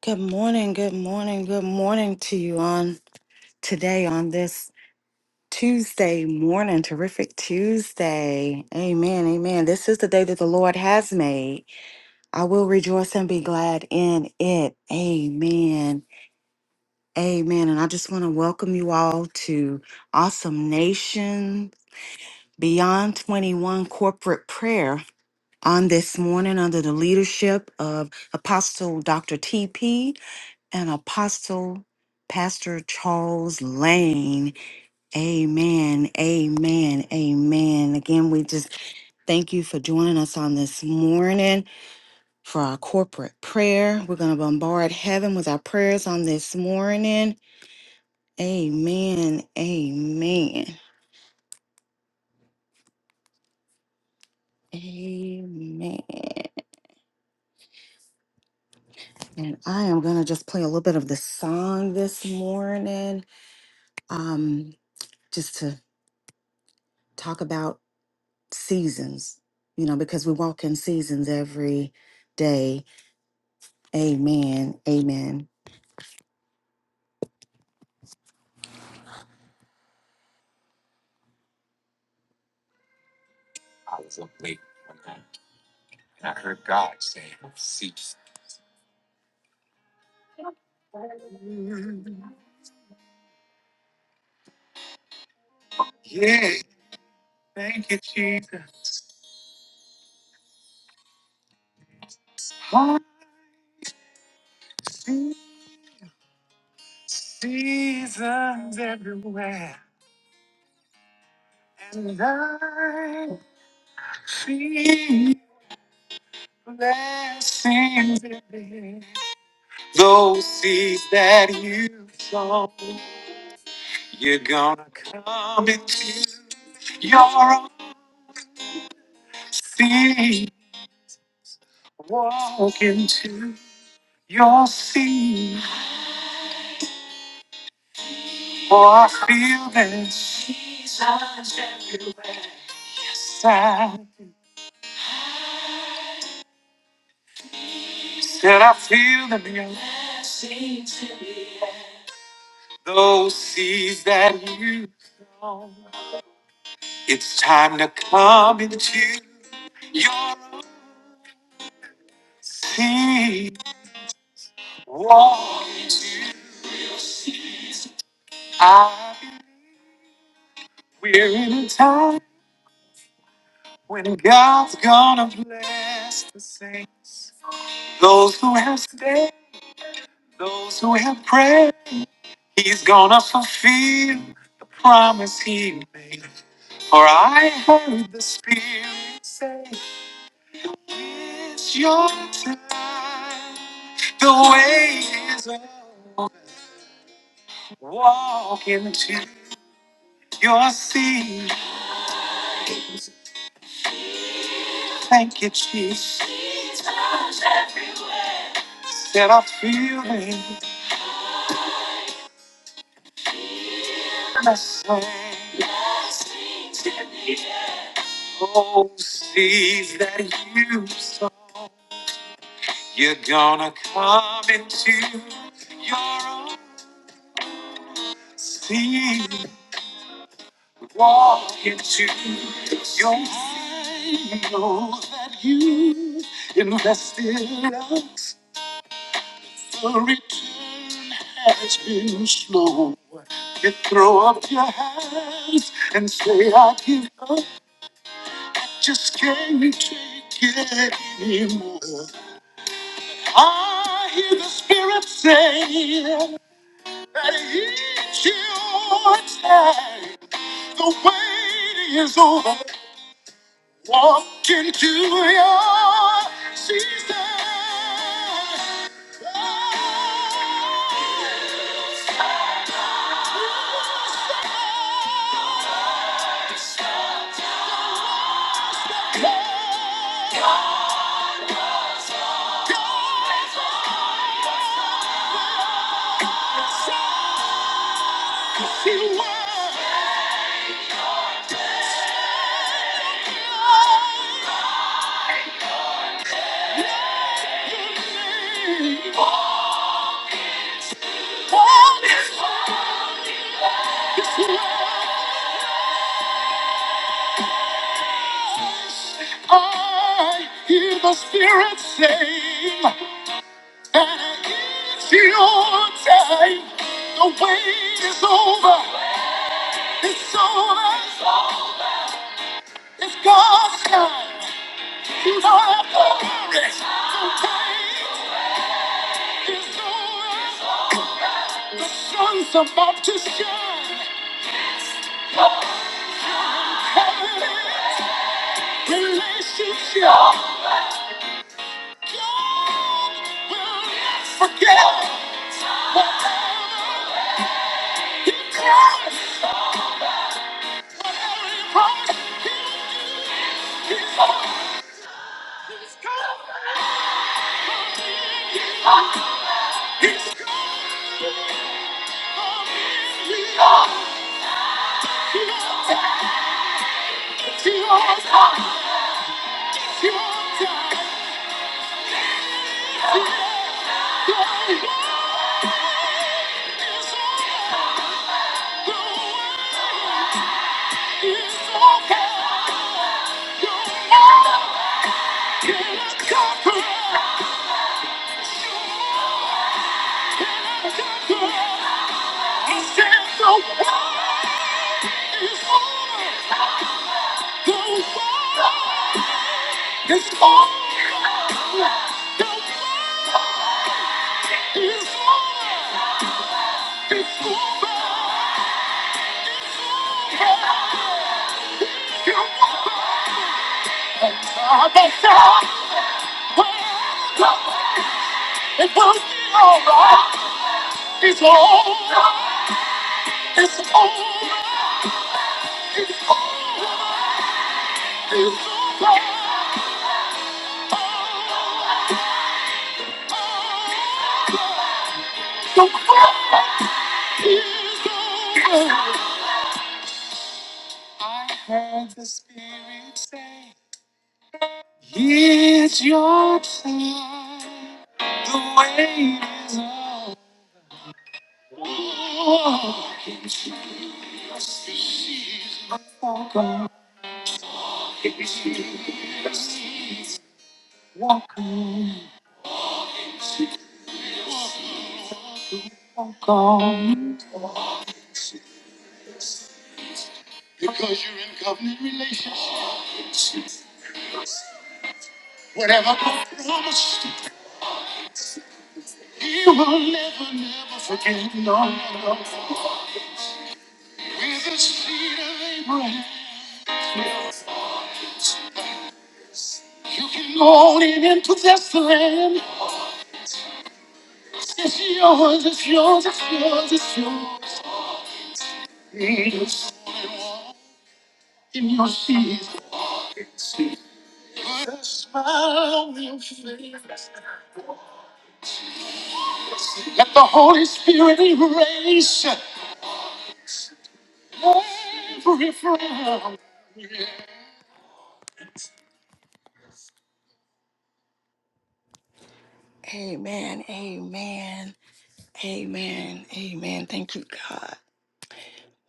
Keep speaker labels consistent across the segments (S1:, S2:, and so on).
S1: Good morning, good morning, good morning to you on today on this Tuesday morning, terrific Tuesday. Amen, amen. This is the day that the Lord has made. I will rejoice and be glad in it. Amen, amen. And I just want to welcome you all to Awesome Nation Beyond 21 Corporate Prayer on this morning under the leadership of Apostle Dr. TP. and Apostle Pastor Charles Lane. Amen. Amen. Amen. Again, we just thank you for joining us on this morning for our corporate prayer. We're going to bombard heaven with our prayers on this morning. Amen. Amen. Amen. And I am going to just play a little bit of the song this morning um, just to talk about. seasons, you know, because we walk in seasons every day. Amen. Amen. I was up late one night and I heard God say, Seek. Yeah, thank you, Jesus. I see seasons everywhere. And I see blessings everywhere. Those seeds that you sow, you're gonna come into. your own. feet, walk into your feet. For I feel them. Jesus everywhere. Yes, I said I feel them. in your- blessings in me. Those seas that you thrown. It's time to come into your sea. Walk into. I we're in a time when God's gonna bless the saints. Those who have stayed, those who have prayed, he's gonna fulfill the promise he made. For I heard the Spirit say, It's your time. The way is over. Walk into your seat. Thank you, Jesus. Said I feel it. Blessed. Oh, seeds that you sow. You're gonna come into your own sea, walk into your sea, know that you in love's return has been slow. You throw up hands and say, I give just me to you." Our spirit say, it's your time. The wait is over. Walk into your season. you were. I hear the Spirit saying that it's your time. The wait is over. It's over. It's God's time. You don't have to worry. The wait is over. The sun's about to shine. Have it is relationship. Yeah. It's all the it's over. It's over. It's over. It's over. It's over. It's over. It's going be alright. It's alright. It's alright. It's alright. It's alright. The world is over. I heard the Spirit say, It's your time. The wait is up. Because you're in covenant relationship. Whatever God promised, He will never, never forget. With the seed of Abraham. You can own it in him. It's yours, it's yours, it's yours, it's yours. In your season, Put a smile on your face. Let the Holy Spirit erase every frown. Amen, amen, amen, amen. Thank you, God.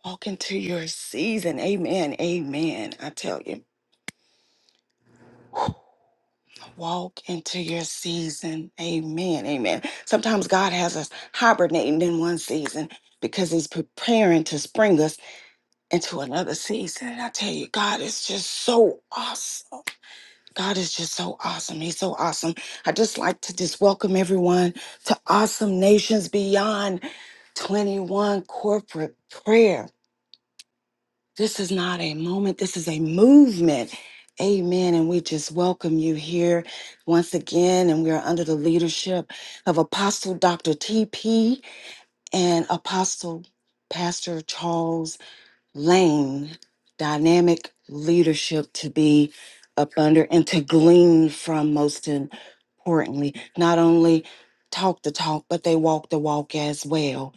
S1: Walk into your season. Amen, amen. I tell you. Walk into your season. Amen. Amen. Sometimes God has us hibernating in one season because He's preparing to spring us into another season. And I tell you, God is just so awesome. God is just so awesome. He's so awesome. I just like to just welcome everyone to Awesome Nations Beyond 21 Corporate Prayer. This is not a moment, this is a movement. Amen. And we just welcome you here once again. And we are under the leadership of Apostle Dr. T.P. and Apostle Pastor Charles Lane. Dynamic leadership to be up under and to glean from most importantly. Not only talk the talk, but they walk the walk as well.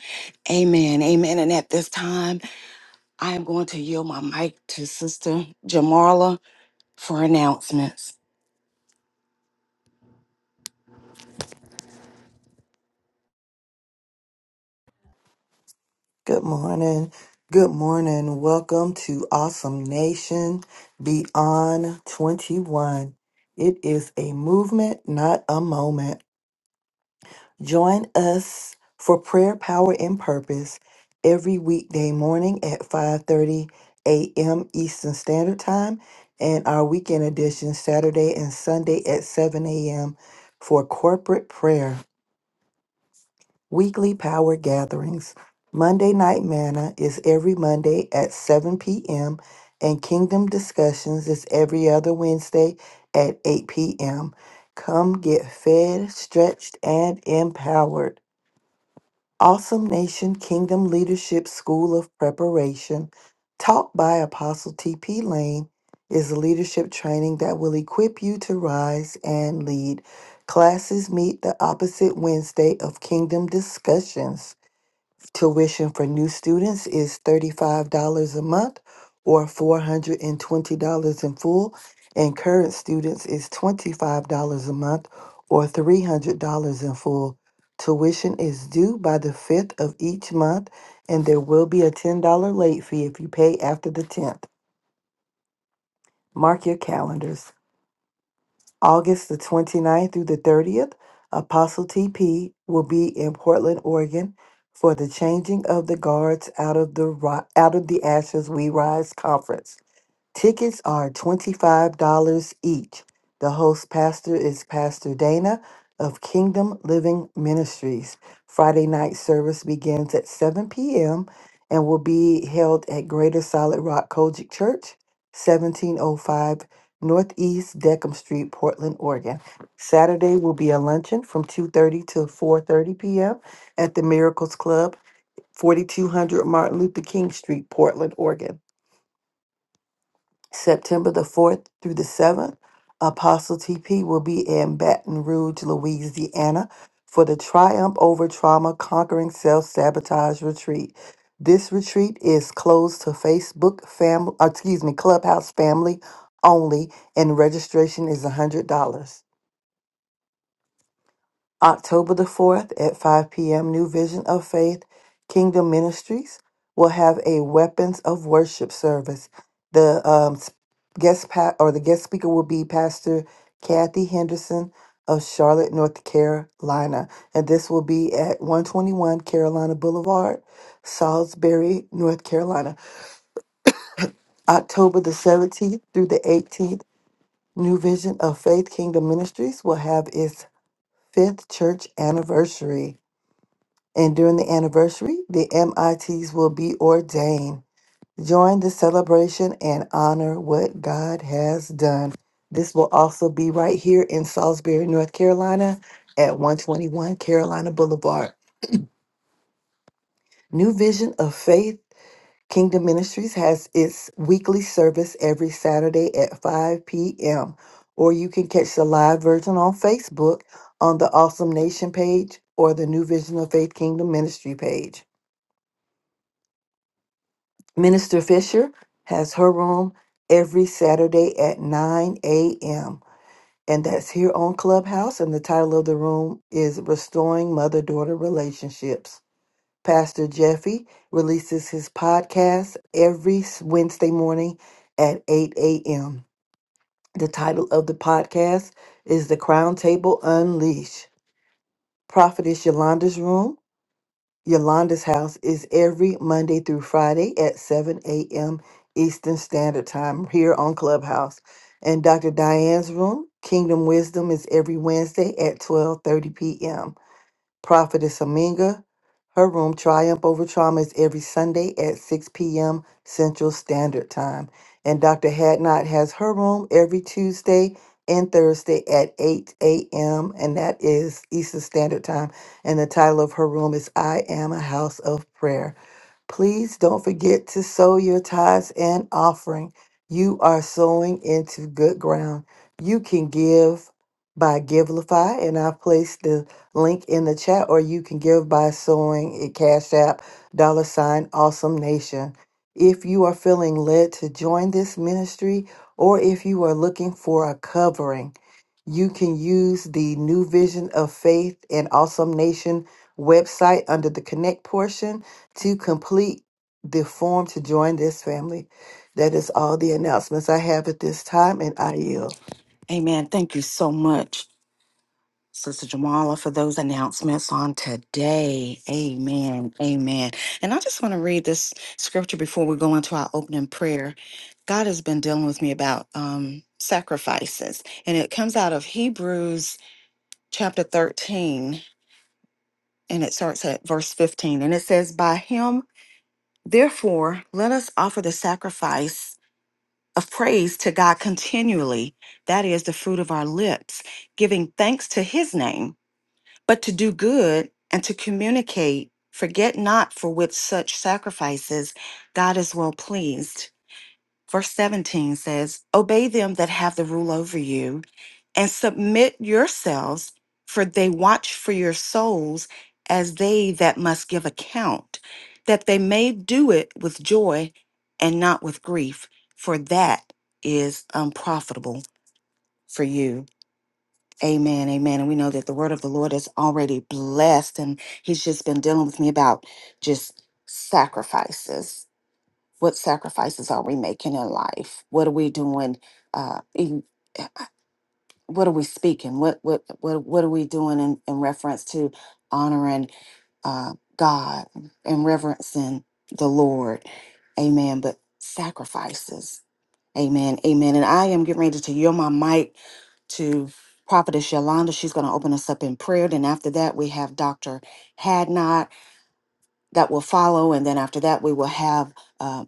S1: Amen. Amen. And at this time, I am going to yield my mic to Sister Jamarla for announcements.
S2: Good morning. Good morning. Welcome to Awesome Nation Beyond 21. It is a movement, not a moment. Join us for prayer, power, and purpose every weekday morning at 5:30 a.m. Eastern Standard Time and our weekend edition Saturday and Sunday at 7 a.m. for corporate prayer. Weekly Power Gatherings. Monday Night Manna is every Monday at 7 p.m., and Kingdom Discussions is every other Wednesday at 8 p.m. Come get fed, stretched, and empowered. Awesome Nation Kingdom Leadership School of Preparation, taught by Apostle T.P. Lane, is a leadership training that will equip you to rise and lead. Classes meet the opposite Wednesday of Kingdom Discussions. Tuition for new students is $35 a month or $420 in full, and current students is $25 a month or $300 in full. Tuition is due by the 5th of each month, and there will be a $10 late fee if you pay after the 10th. Mark your calendars. August the 29th through the 30th, Apostle TP will be in Portland, Oregon for the Changing of the Guards Out of the Ri- Out of the Ashes We Rise conference. Tickets are $25 each. The host pastor is Pastor Dana of Kingdom Living Ministries. Friday night service begins at 7 p.m. and will be held at Greater Solid Rock Kojic Church, 1705 Northeast Deckham Street, Portland, Oregon. Saturday will be a luncheon from 2:30 to 4:30 p.m. at the Miracles Club, 4200 Martin Luther King Street, Portland, Oregon. September the 4th through the 7th, Apostle TP will be in Baton Rouge, Louisiana for the Triumph Over Trauma Conquering Self Sabotage Retreat. This retreat is closed to Facebook family, excuse me, Clubhouse family only, and registration is $100. October the 4th at 5 p.m., New Vision of Faith Kingdom Ministries will have a Weapons of Worship service. The um, s- guest pa- or the guest speaker will be Pastor Kathy Henderson of Charlotte, North Carolina, and this will be at 121 Carolina Boulevard, Salisbury, North Carolina. October the 17th through the 18th, New Vision of Faith Kingdom Ministries will have its fifth church anniversary. and during the anniversary, the MITs will be ordained. Join the celebration and honor what God has done. This will also be right here in Salisbury, North Carolina at 121 Carolina Boulevard. New Vision of Faith Kingdom Ministries has its weekly service every Saturday at 5 p.m. Or you can catch the live version on Facebook on the Awesome Nation page or the New Vision of Faith Kingdom Ministry page. Minister Fisher has her room every Saturday at 9 a.m. And that's here on Clubhouse. And the title of the room is Restoring Mother Daughter Relationships. Pastor Jeffy releases his podcast every Wednesday morning at 8 a.m. The title of the podcast is The Crown Table Unleash. Prophetess Yolanda's room Yolanda's house is every Monday through Friday at 7 a.m. Eastern Standard Time here on Clubhouse. And Dr. Diane's room, Kingdom Wisdom, is every Wednesday at 12:30 p.m. Prophetess Aminga. Her room, Triumph Over Trauma, is every Sunday at 6 p.m. Central Standard Time. And Dr. Hadnot has her room every Tuesday and Thursday at 8 a.m., and that is Eastern Standard Time. And the title of her room is I Am a House of Prayer. Please don't forget to sow your tithes and offering. You are sowing into good ground. You can give by Givelify, and I've placed the link in the chat, or you can give by sowing at Cash App, dollar sign, awesome nation. If you are feeling led to join this ministry, or if you are looking for a covering, you can use the New Vision of Faith and Awesome Nation website under the Connect portion to complete the form to join this family. That is all the announcements I have at this time, and I yield.
S1: Amen. Thank you so much, Sister Jamala, for those announcements on today. Amen. Amen. And I just want to read this scripture before we go into our opening prayer. God has been dealing with me about um, sacrifices, and it comes out of Hebrews chapter 13, and it starts at verse 15, and it says, By him, therefore, let us offer the sacrifice. of praise to God continually. That is the fruit of our lips, giving thanks to his name, but to do good and to communicate. Forget not for with such sacrifices God is well pleased. Verse 17 says, Obey them that have the rule over you and submit yourselves, for they watch for your souls as they that must give account, that they may do it with joy and not with grief, for that is unprofitable for you. Amen, amen. And we know that the word of the Lord is already blessed, and He's just been dealing with me about just sacrifices. What sacrifices are we making in life? What are we doing? Uh, in- what are we speaking? What what what what are we doing in, in reference to honoring uh, God and reverencing the Lord? Amen. But sacrifices. Amen. Amen. And I am getting ready to yield my mic to Prophetess Yolanda. She's going to open us up in prayer. Then after that, we have Dr. Hadnot that will follow. And then after that, we will have uh,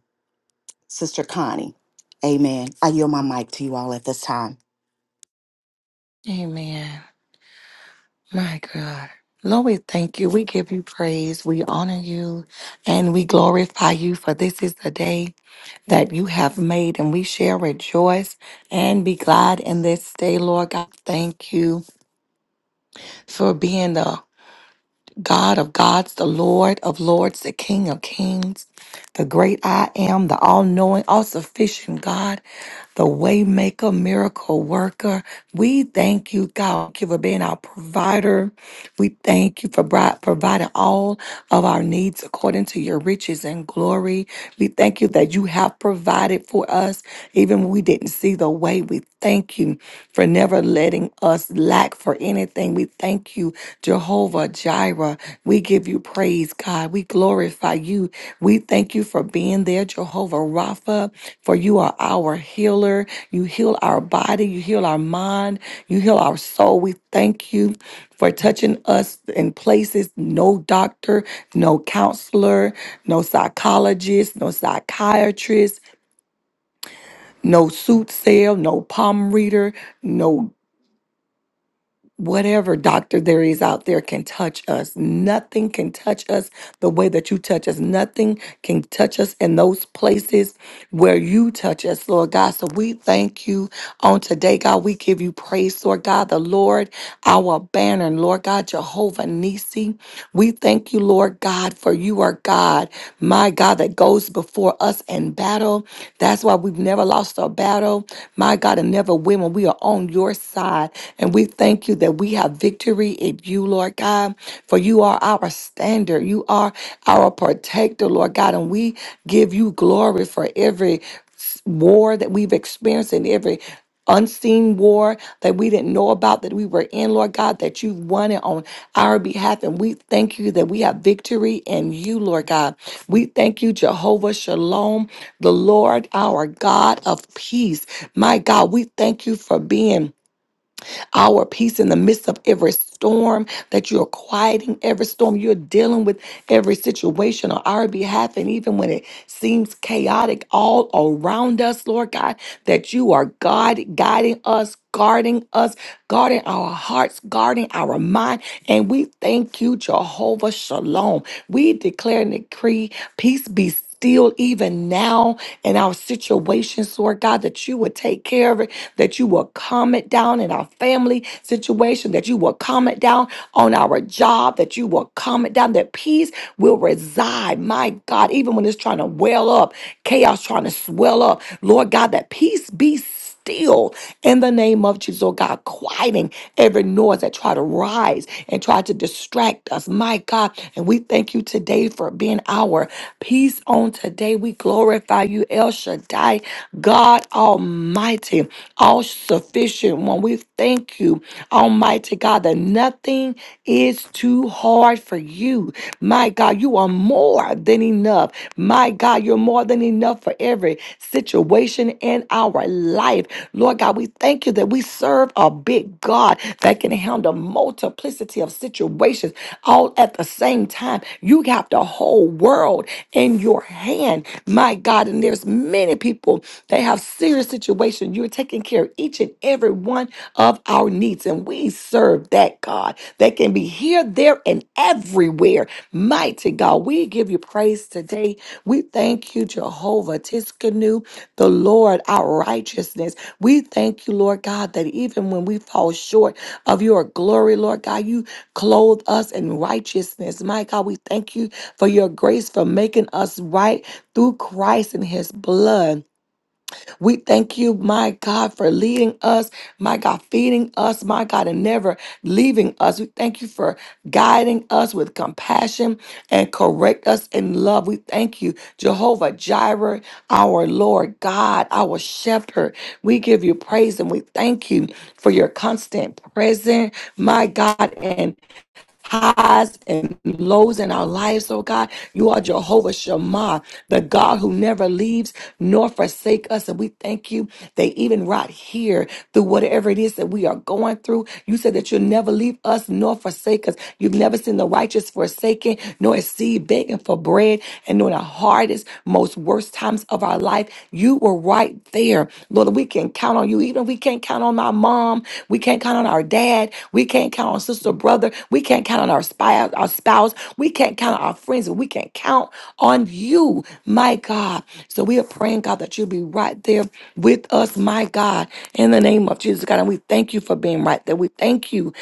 S1: Sister Connie. Amen. I yield my mic to you all at this time.
S3: Amen. My God. Lord, we thank you. We give you praise. We honor you and we glorify you for this is the day that you have made and we shall rejoice and be glad in this day, Lord God. Thank you for being the God of gods, the Lord of lords, the King of kings, the great I am, the all knowing, all sufficient God. the waymaker, miracle worker. We thank you, God, Thank you for being our provider. We thank you for bri- providing all of our needs according to your riches and glory. We thank you that you have provided for us, even when we didn't see the way. We thank you for never letting us lack for anything. We thank you, Jehovah Jireh. We give you praise, God. We glorify glorify you. We thank you for being there, Jehovah Rapha, for you are our healer. You heal our body, you heal our mind, you heal our soul. We thank you for touching us in places no doctor, no counselor, no psychologist, no psychiatrist, no soothsayer, no palm reader, no whatever doctor there is out there can touch us. Nothing can touch us the way that you touch us. Nothing can touch us in those places where you touch us, Lord God. So we thank you on today, God. We give you praise, Lord God, the Lord, our banner, Lord God, Jehovah Nisi. We thank you, Lord God, for you are God, my God, that goes before us in battle. That's why we've never lost a battle, my God, and never win when we are on your side. And we thank you that we have victory in you, Lord God, for you are our standard. You are our protector, Lord God. And we give you glory for every s- war that we've experienced and every unseen war that we didn't know about that we were in, Lord God, that you won it on our behalf. And we thank you that we have victory in you, Lord God. We thank you, Jehovah Shalom, the Lord our God of peace. My God, we thank you for being our peace in the midst of every storm, that you're quieting every storm, you're dealing with every situation on our behalf, and even when it seems chaotic all around us, Lord God, that you are God guiding us, guarding us, guarding our hearts, guarding our mind, and we thank you, Jehovah Shalom. We declare and decree peace be. still still even now in our situations, Lord God, that you would take care of it, that you will calm it down in our family situation, that you will calm it down on our job, that you will calm it down, that peace will reside. My God, even when it's trying to well up, chaos trying to swell up, Lord God, that peace be still still in the name of Jesus, oh God, quieting every noise that try to rise and try to distract us, my God. And we thank you today for being our peace on today. We glorify you, El Shaddai, God Almighty, all sufficient one. We thank you, Almighty God, that nothing is too hard for you. My God, you are more than enough. My God, you're more than enough for every situation and in our life. Lord God, we thank you that we serve a big God that can handle multiplicity of situations all at the same time. You got the whole world in your hand, my God. And there's many people that have serious situations. You're taking care of each and every one of our needs. And we serve that God that can be here, there, and everywhere. Mighty God, we give you praise today. We thank you, Jehovah Tiskanu the Lord our righteousness. We thank you, Lord God, that even when we fall short of your glory, Lord God, you clothe us in righteousness. My God, we thank you for your grace for making us right through Christ and his blood. We thank you, my God, for leading us, my God, feeding us, my God, and never leaving us. We thank you for guiding us with compassion and correct us in love. We thank you, Jehovah Jireh, our Lord God, our shepherd. We give you praise and we thank you for your constant presence, my God, highs and lows in our lives, oh God. You are Jehovah Shammah, the God who never leaves nor forsake us. And we thank you that even right here, through whatever it is that we are going through, you said that you'll never leave us nor forsake us. You've never seen the righteous forsaken, nor a seed begging for bread, and nor in the hardest, most worst times of our life life, you were right there. Lord, we can count on you. Even if we can't count on my mom, we can't count on our dad, we can't count on sister, brother, we can't count on our spouse, our spouse, we can't count on our friends, but we can count on you, my God. So we are praying, God, that you'll be right there with us, my God, in the name of Jesus, God. And we thank you for being right there. We thank you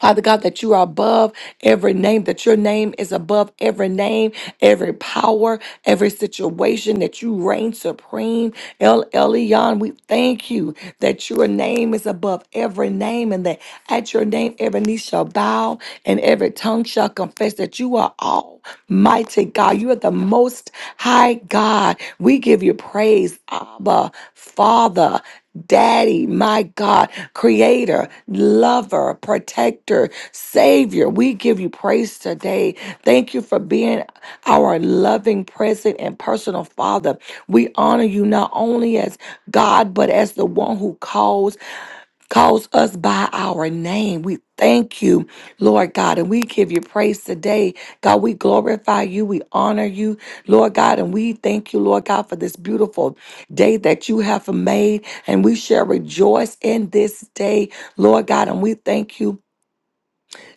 S3: Father God, that you are above every name, that your name is above every name, every power, every situation, that you reign supreme. El Elyon, we thank you that your name is above every name, and that at your name every knee shall bow and every tongue shall confess that you are almighty God. You are the most high God. We give you praise, Abba, Father. Daddy, my God, creator, lover, protector, savior. We give you praise today. Thank you for being our loving, present, and personal father. We honor you not only as God, but as the one who calls, Calls us by our name. We thank you, Lord God, and we give you praise today. God, we glorify you. We honor you, Lord God, and we thank you, Lord God, for this beautiful day that you have made. And we shall rejoice in this day, Lord God. And we thank you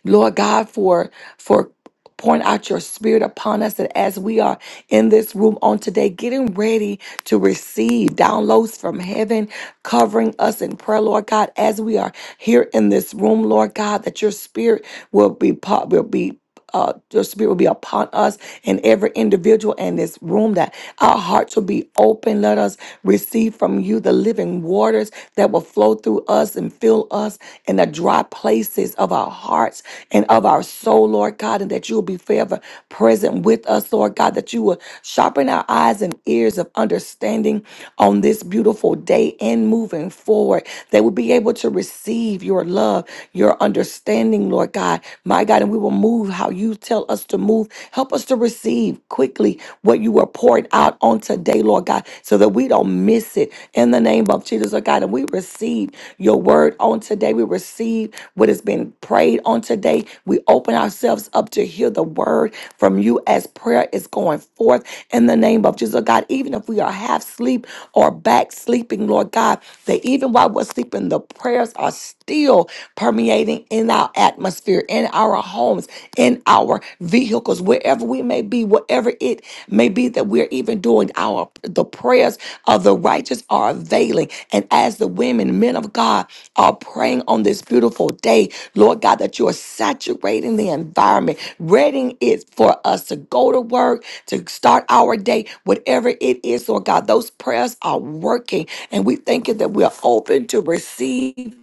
S3: Lord God, for for pouring out your spirit upon us. And as we are in this room on today, getting ready to receive downloads from heaven, covering us in prayer, Lord God, as we are here in this room, Lord God, that your spirit will be po- will be uh, your spirit will be upon us and every individual in this room that our hearts will be open. Let us receive from you the living waters that will flow through us and fill us in the dry places of our hearts and of our soul, Lord God, and that you will be forever present with us, Lord God, that you will sharpen our eyes and ears of understanding on this beautiful day and moving forward, that we'll be able to receive your love, your understanding, Lord God, my God, and we will move how you tell us to move. Help us to receive quickly what you are pouring out on today, Lord God, so that we don't miss miss it in the name of Jesus, oh God. And we receive your word on today. We receive what has been prayed on today. We open ourselves up to hear the word from you as prayer is going forth in the name of Jesus, oh God. Even if we are half asleep or back sleeping, Lord God, that even while we're sleeping, the prayers are still permeating in our atmosphere, in our homes, in our vehicles vehicles, wherever we may be, whatever it may be that we're even doing, our the prayers of the righteous are availing. And as the women, men of God are praying on this beautiful day, Lord God, that you are saturating the environment, readying it for us to go to work, to start our day, whatever it is, Lord God, those prayers are working. And we thank you that we are open to receive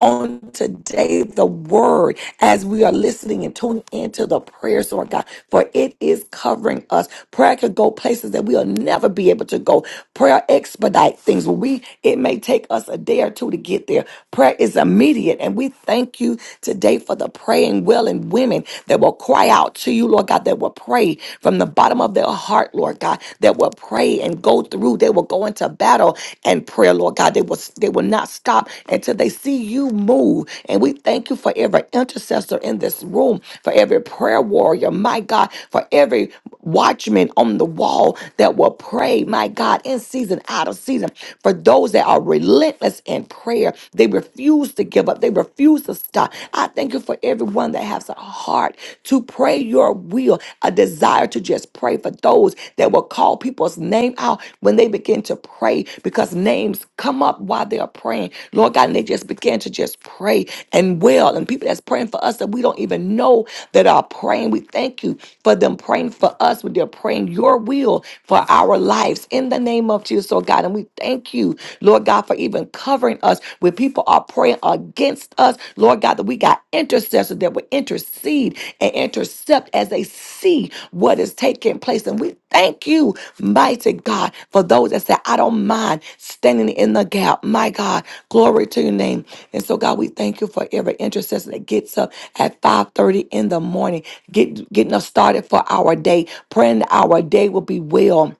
S3: on today the word as we are listening and tuning into the prayers, Lord God, for it is covering us. Prayer could go places that we'll never be able to go. Prayer expedite things. Where we it may take us a day or two to get there. Prayer is immediate, and we thank you today for the praying well and women that will cry out to you, Lord God, that will pray from the bottom of their heart, Lord God, that will pray and go go through. They will go into battle and prayer, Lord God. They will they will not stop until they see you move. And we thank you for every intercessor in this room, for every prayer warrior, my God, for every watchman on the wall that will pray, my God, in season, out of season. For those that are relentless in prayer, they refuse to give up. They refuse to stop. I thank you for everyone that has a heart to pray your will, a desire to just pray for those that will call people's name out when they begin to pray because names come up while they are praying. Lord God, and they just begin to just pray and well. And people that's praying for us that we don't even know that are praying. We thank you for them praying for us when they're praying your will for our lives in the name of Jesus, oh God. And we thank you, Lord God, for even covering us with when people are praying against us, Lord God, that we got intercessors that will intercede and intercept as they see what is taking place. And we thank you, mighty God, for those that say, I don't mind standing in the gap. My God, glory to your name. And so, God, we thank you for every intercessor that gets up at 5:30 in the morning, get, getting us started for our day, praying that our day will be well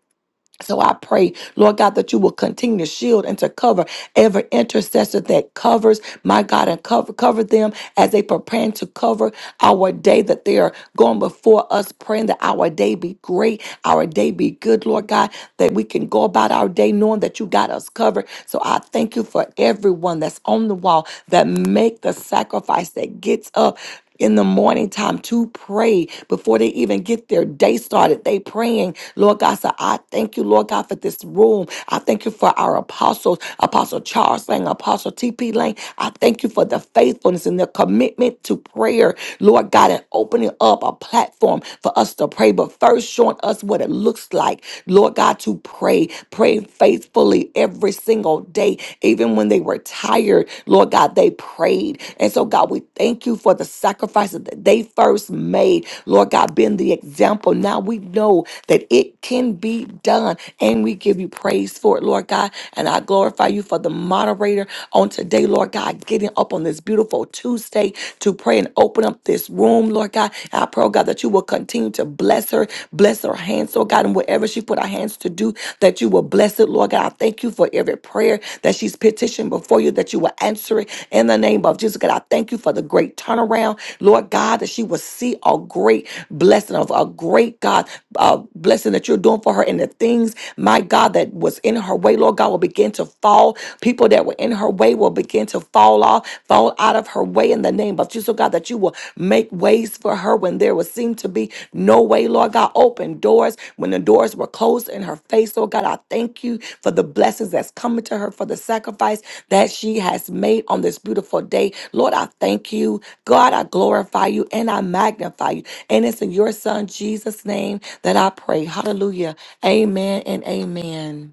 S3: so I pray, Lord God, that you will continue to shield and to cover every intercessor that covers, my God, and cover cover them as they prepare to cover our day that they are going before us, praying that our day be great, our day be good, Lord God, that we can go about our day knowing that you got us covered. So I thank you for everyone that's on the wall that make the sacrifice that gets up in the morning time to pray before they even get their day started. They praying, Lord God. So I thank you, Lord God, for this room. I thank you for our apostles, Apostle Charles Lane, Apostle TP Lane. I thank you for the faithfulness and the commitment to prayer, Lord God, and opening up a platform for us to pray, but first showing us what it looks like, Lord God, to pray, pray faithfully every single day, even when they were tired, Lord God, they prayed. And so oh God, we thank you for the sacrifices that they first made. Lord God, being the example. Now we know that it can be done, and we give you praise for it, Lord God. And I glorify you for the moderator on today, Lord God, getting up on this beautiful Tuesday to pray and open up this room, Lord God. And I pray, oh God, that you will continue to bless her, bless her hands, Lord God, and whatever she put her hands to do, that you will bless it, Lord God. I thank you for every prayer that she's petitioned before you, that you will answer it victory in the name of Jesus. God, I thank you for the great turnaround, Lord God, that she will see a great blessing of a great God uh, blessing that you're doing for her, and the things, my God, that was in her way, Lord God, will begin to fall. People that were in her way will begin to fall off, fall out of her way in the name of Jesus, oh God, that you will make ways for her when there would seem to be no way, Lord God. Open doors when the doors were closed in her face, oh God. I thank you for the blessings that's coming to her, for the sacrifice that she has made on this beautiful day. Lord, I thank you. God, I glorify you and I magnify you. And it's in your son Jesus' name that I pray. Hallelujah. Amen and amen.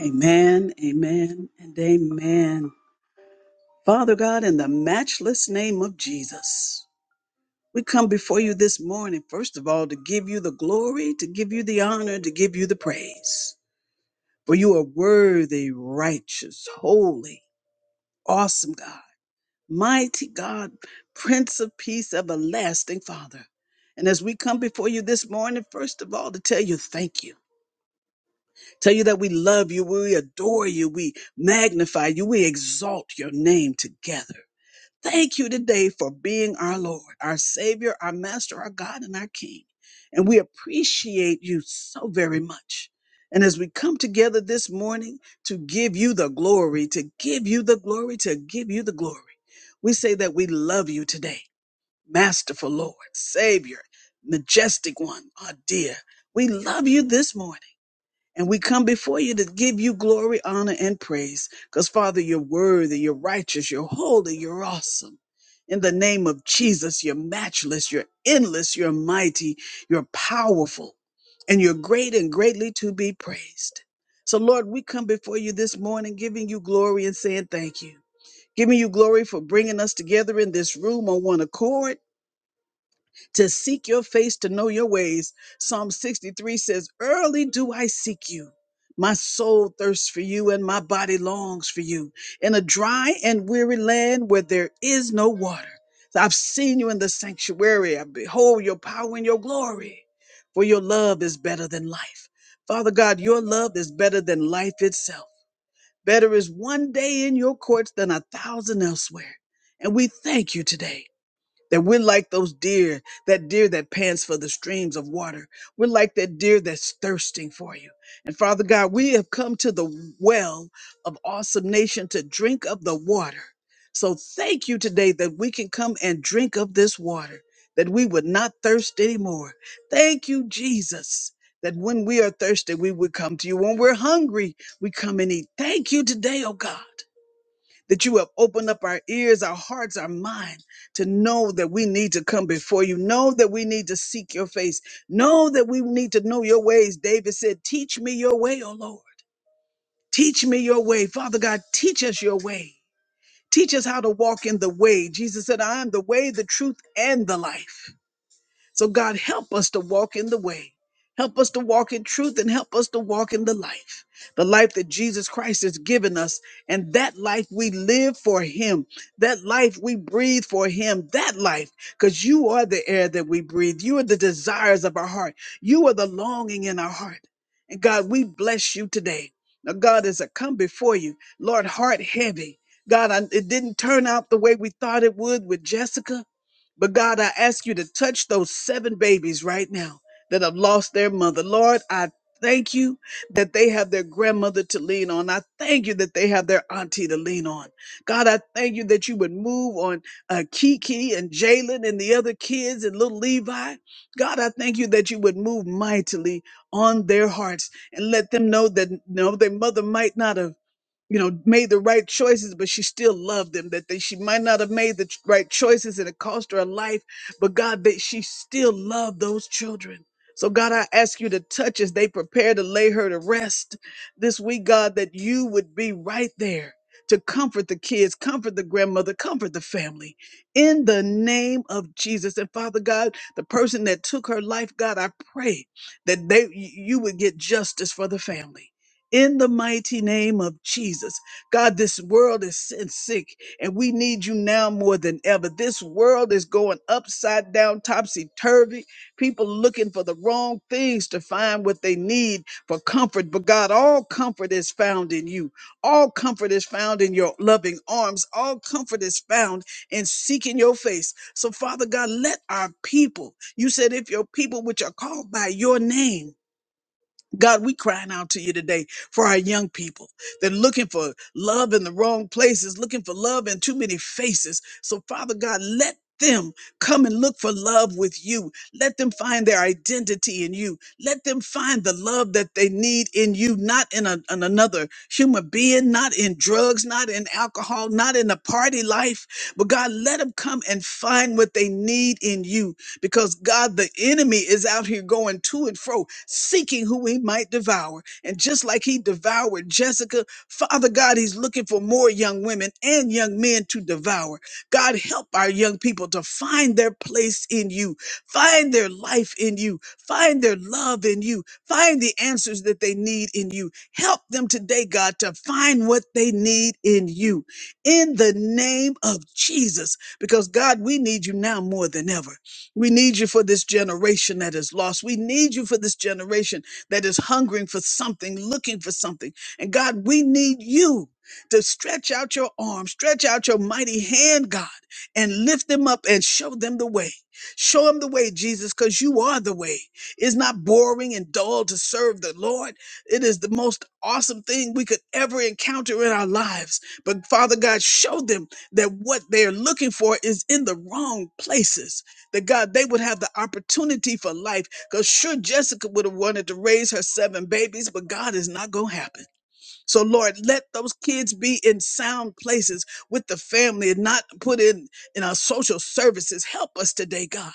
S4: Amen, amen, and amen. Father God, in the matchless name of Jesus, we come before you this morning, first of all, to give you the glory, to give you the honor, to give you the praise. For you are worthy, righteous, holy, awesome God, mighty God, Prince of Peace, everlasting Father. And as we come before you this morning, first of all, to tell you thank you. Tell you that we love you, we adore you, we magnify you, we exalt your name together. Thank you today for being our Lord, our Savior, our Master, our God, and our King. And we appreciate you so very much. And as we come together this morning to give you the glory, to give you the glory, to give you the glory, we say that we love you today, Masterful Lord, Savior, Majestic One, our dear. We love you this morning. And we come before you to give you glory, honor, and praise. Because, Father, you're worthy, you're righteous, you're holy, you're awesome. In the name of Jesus, you're matchless, you're endless, you're mighty, you're powerful, and you're great and greatly to be praised. So, Lord, we come before you this morning giving you glory and saying thank you. Giving you glory for bringing us together in this room on one accord to seek your face, to know your ways. Psalm 63 says, Early do I seek you. My soul thirsts for you, and my body longs for you in a dry and weary land where there is no water. I've seen you in the sanctuary. I behold your power and your glory, for your love is better than life. Father God, your love is better than life itself. Better is one day in your courts than a thousand elsewhere. And we thank you today. That we're like those deer, that deer that pants for the streams of water. We're like that deer that's thirsting for you. And Father God, we have come to the well of awesome nation to drink of the water. So thank you today that we can come and drink of this water, that we would not thirst anymore. Thank you, Jesus, that when we are thirsty, we would come to you. When we're hungry, we come and eat. Thank you today, oh God that you have opened up our ears, our hearts, our mind to know that we need to come before you, know that we need to seek your face, know that we need to know your ways. David said, Teach me your way, O Lord. Teach me your way. Father God, teach us your way. Teach us how to walk in the way. Jesus said, I am the way, the truth, and the life. So, God, help us to walk in the way. Help us to walk in truth and help us to walk in the life, the life that Jesus Christ has given us. And that life we live for Him, that life we breathe for Him, that life, because you are the air that we breathe. You are the desires of our heart. You are the longing in our heart. And God, we bless you today. Now, God, as I come before you, Lord, heart heavy. God, I, it didn't turn out the way we thought it would with Jessica. But God, I ask you to touch those seven babies right now that have lost their mother. Lord, I thank you that they have their grandmother to lean on. I thank you that they have their auntie to lean on. God, I thank you that you would move on uh, Kiki and Jalen and the other kids and little Levi. God, I thank you that you would move mightily on their hearts and let them know that no, their mother might not have you know made the right choices but she still loved them that they, she might not have made the ch- right choices and it cost her a life but god that she still loved those children so god i ask you to touch as they prepare to lay her to rest this week god that you would be right there to comfort the kids, comfort the grandmother, comfort the family in the name of Jesus. And Father God, the person that took her life, God, I pray that they you would get justice for the family in the mighty name of Jesus. God, this world is sin sick and we need you now more than ever. This world is going upside down, topsy turvy. People looking for the wrong things to find what they need for comfort. But God, all comfort is found in you. All comfort is found in your loving arms. All comfort is found in seeking your face. So, Father God, let our people, you said, if your people which are called by your name, God, we crying out to you today for our young people. They're looking for love in the wrong places, looking for love in too many faces. So, Father God, let them come and look for love with you let them find their identity in you. Let them find the love that they need in you, not in, a, in another human being, not in drugs, not in alcohol, not in the party life. But God, let them come and find what they need in you because God, the enemy is out here going to and fro, seeking who he might devour. And just like he devoured Jessica, Father God, he's looking for more young women and young men to devour. God, help our young people to find their place in you. Find their life in you. Find their love in you. Find the answers that they need in you. Help them today, God, to find what they need in you. In the name of Jesus, because God, we need you now more than ever. We need you for this generation that is lost. We need you for this generation that is hungering for something, looking for something. And God, we need you to stretch out your arm, stretch out your mighty hand, God, and lift them up and show them the way. Show them the way, Jesus, because you are the way. It's not boring and dull to serve the Lord. It is the most awesome thing we could ever encounter in our lives. But Father God, show them that what they're looking for is in the wrong places. That God, they would have the opportunity for life. Because sure, Jessica would have wanted to raise her seven babies, but God is not going to happen. So, Lord, let those kids be in sound places with the family and not put in in our social services. Help us today, God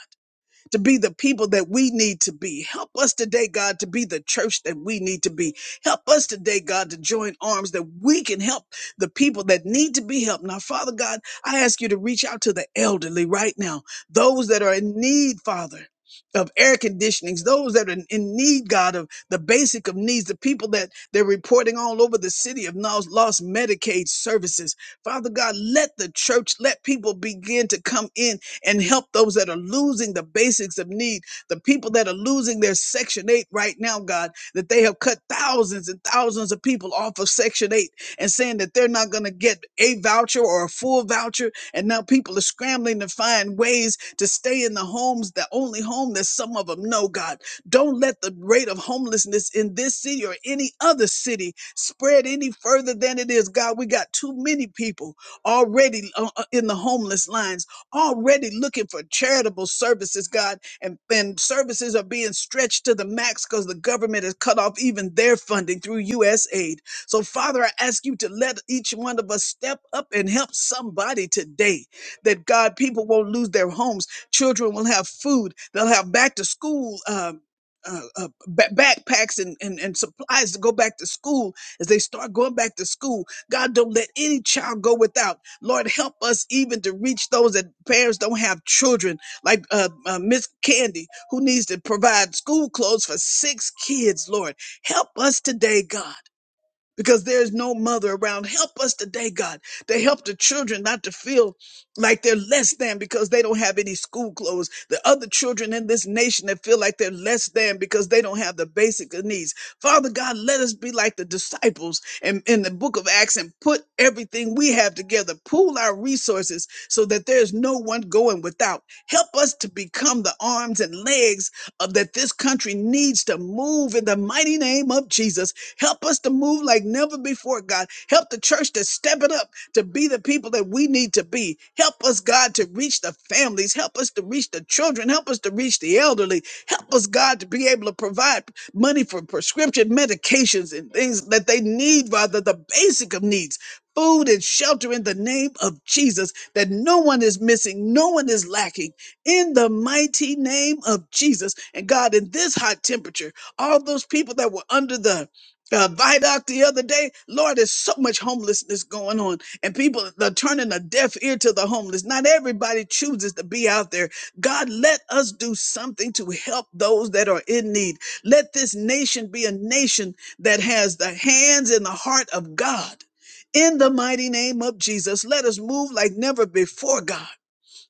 S4: to be the people that we need to be. Help us today, God, to be the church that we need to be. Help us today, God, to join arms that we can help the people that need to be helped. Now, Father God, I ask you to reach out to the elderly right now, those that are in need, Father. Of air conditionings, those that are in need, God, of the basic of needs, the people that they're reporting all over the city of lost lost Medicaid services. Father God, let the church, let people begin to come in and help those that are losing the basics of need, the people that are losing their Section 8 right now, God, that they have cut thousands and thousands of people off of Section 8 and saying that they're not going to get a voucher or a full voucher. And now people are scrambling to find ways to stay in the homes, the only home that some of them know, God. Don't let the rate of homelessness in this city or any other city spread any further than it is, God. We got too many people already uh, uh, in the homeless lines already looking for charitable services, God, and, and services are being stretched to the max because the government has cut off even their funding through U.S. aid. So, Father, I ask you to let each one of us step up and help somebody today that, God, people won't lose their homes. Children will have food. They'll have back to school. Um, uh, uh, ba- backpacks and, and, and supplies to go back to school as they start going back to school. God, don't let any child go without. Lord, help us even to reach those that parents don't have children, like uh, uh, Miss Candy, who needs to provide school clothes for six kids, Lord. Help us today, God because there's no mother around. Help us today, God. to help the children not to feel like they're less than because they don't have any school clothes. The other children in this nation that feel like they're less than because they don't have the basic needs. Father God, let us be like the disciples in, in the book of Acts and put everything we have together, pool our resources so that there's no one going without. Help us to become the arms and legs of that this country needs to move in the mighty name of Jesus. Help us to move like never before, God. Help the church to step it up to be the people that we need to be. Help us, God, to reach the families. Help us to reach the children. Help us to reach the elderly. Help us, God, to be able to provide money for prescription medications and things that they need, rather the basic of needs. Food and shelter in the name of Jesus, that no one is missing, no one is lacking in the mighty name of Jesus. And God, in this hot temperature, all those people that were under the uh, Vidoc the other day. Lord, there's so much homelessness going on, and people are turning a deaf ear to the homeless. Not everybody chooses to be out there. God, let us do something to help those that are in need. Let this nation be a nation that has the hands and the heart of God. In the mighty name of Jesus, let us move like never before, God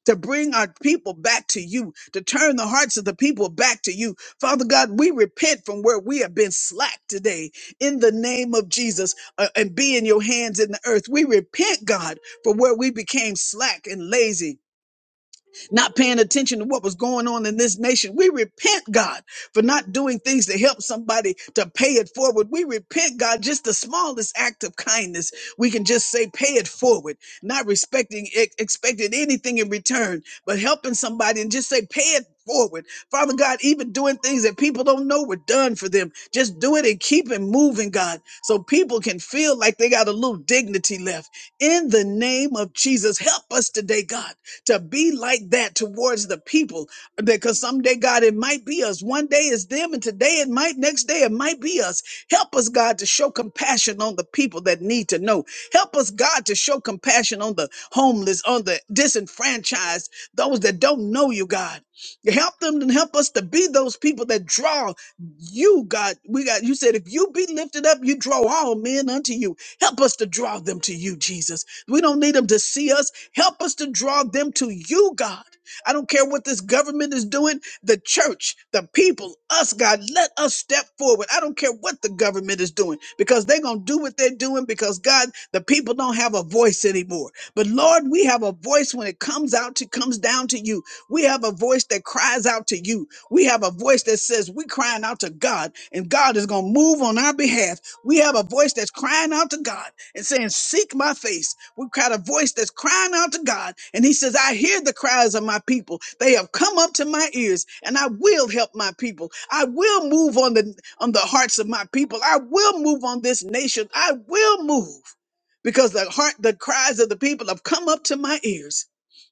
S4: to bring our people back to you, to turn the hearts of the people back to you. Father God, we repent from where we have been slack today in the name of Jesus uh, and be in your hands in the earth. We repent, God, for where we became slack and lazy not paying attention to what was going on in this nation. We repent, God, for not doing things to help somebody to pay it forward. We repent, God, just the smallest act of kindness. We can just say, pay it forward, not respecting, ex- expecting anything in return, but helping somebody and just say, pay it forward. Father God, even doing things that people don't know were done for them, just do it and keep it moving, God, so people can feel like they got a little dignity left. In the name of Jesus, help us today, God to be like that towards the people. Because someday, God, it might be us. One day it's them, and today it might, next day it might be us. Help us, God, to show compassion on the people that need to know. Help us, God, to show compassion on the homeless, on the disenfranchised, those that don't know you, God. Help them and help us to be those people that draw you, God. We got you said, if you be lifted up, you draw all men unto you. Help us to draw them to you, Jesus. We don't need them to see us. Help us to draw them to you, God. I don't care what this government is doing, the church, the people, us, God, let us step forward. I don't care what the government is doing because they're going to do what they're doing because, God, the people don't have a voice anymore. But Lord, we have a voice when it comes out to comes down to you. We have a voice that cries out to you. We have a voice that says we're crying out to God and God is going to move on our behalf. We have a voice that's crying out to God and saying, Seek my face. We got a voice that's crying out to God. And he says, I hear the cries of my people. They have come up to my ears and I will help my people. I will move on the, on the hearts of my people. I will move on this nation. I will move because the heart, the cries of the people have come up to my ears.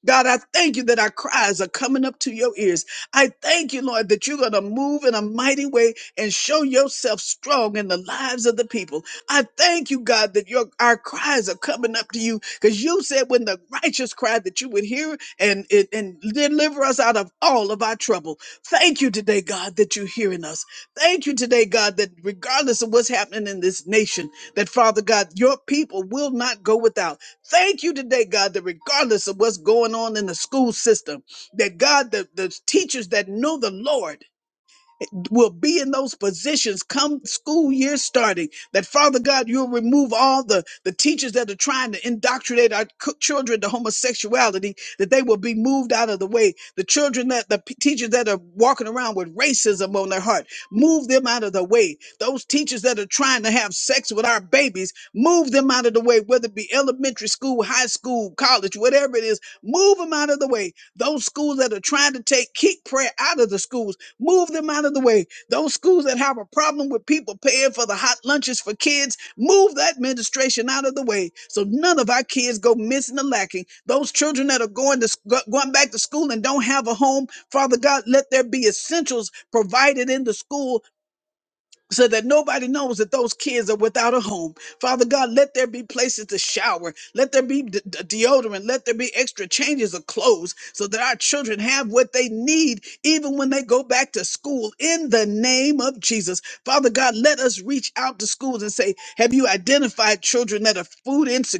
S4: God, I thank you that our cries are coming up to your ears. I thank you, Lord, that you're going to move in a mighty way and show yourself strong in the lives of the people. I thank you, God, that your our cries are coming up to you because you said when the righteous cried that you would hear and, and and deliver us out of all of our trouble. Thank you today, God, that you're hearing us. Thank you today, God, that regardless of what's happening in this nation, that Father God, your people will not go without. Thank you today, God, that regardless of what's going on in the school system, that God, the, the teachers that know the Lord will be in those positions come school year starting that father god you'll remove all the the teachers that are trying to indoctrinate our c- children to homosexuality that they will be moved out of the way the children that the p- teachers that are walking around with racism on their heart move them out of the way those teachers that are trying to have sex with our babies move them out of the way whether it be elementary school high school college whatever it is move them out of the way those schools that are trying to take keep prayer out of the schools Move them out of the way. Those schools that have a problem with people paying for the hot lunches for kids, move that administration out of the way so none of our kids go missing or lacking. Those children that are going to sc- go- going back to school and don't have a home, Father God, let there be essentials provided in the school so that nobody knows that those kids are without a home. Father God, let there be places to shower. Let there be d- d- deodorant. Let there be extra changes of clothes so that our children have what they need even when they go back to school in the name of Jesus. Father God, let us reach out to schools and say, Have you identified children that are food insecure?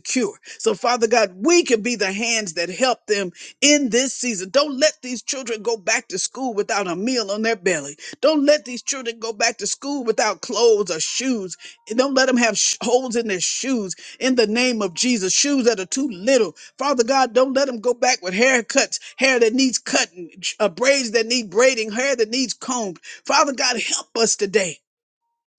S4: So, Father God, we can be the hands that help them in this season. Don't let these children go back to school without a meal on their belly. Don't let these children go back to school without clothes or shoes. And Don't let them have sh- holes in their shoes in the name of Jesus. Shoes that are too little. Father God, don't let them go back with haircuts, hair that needs cutting, sh- uh, braids that need braiding, hair that needs combed. Father God, help us today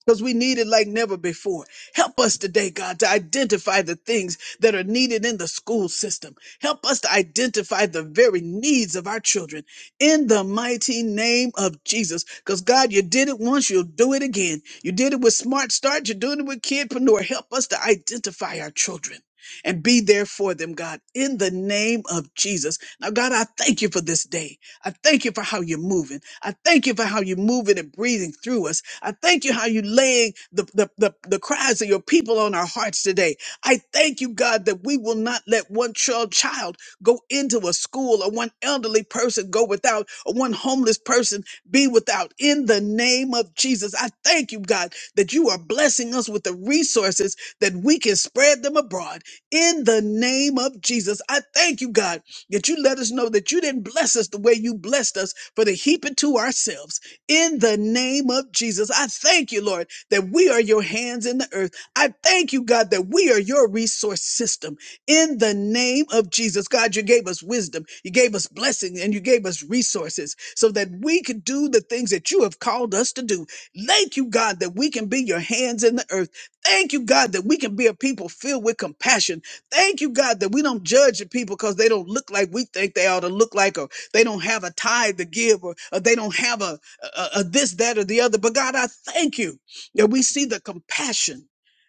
S4: because we need it like never before. Help us today, God, to identify the things that are needed in the school system. Help us to identify the very needs of our children in the mighty name of Jesus. Because, God, you did it once, you'll do it again. You did it with Smart Start, you're doing it with Kidpreneur. Help us to identify our children. And be there for them, God, in the name of Jesus. Now, God, I thank you for this day. I thank you for how you're moving. I thank you for how you're moving and breathing through us. I thank you how you laying the, the, the, the cries of your people on our hearts today. I thank you, God, that we will not let one child child go into a school or one elderly person go without or one homeless person be without. In the name of Jesus, I thank you, God, that you are blessing us with the resources that we can spread them abroad. In the name of Jesus, I thank you, God that you let us know that you didn't bless us the way you blessed us, for to heap it to ourselves. In the name of Jesus, I thank you, Lord, that we are your hands in the earth. I thank you, God, that we are your resource system. In the name of Jesus, God, you gave us wisdom, you gave us blessing, and you gave us resources so that we could do the things that you have called us to do. Thank you, God, that we can be your hands in the earth. Thank you, God, that we can be a people filled with compassion Thank you, God, that we don't judge the people because they don't look like we think they ought to look like, or they don't have a tithe to give, or, or they don't have a, a, a this, that, or the other. But God, I thank you that we see the compassion.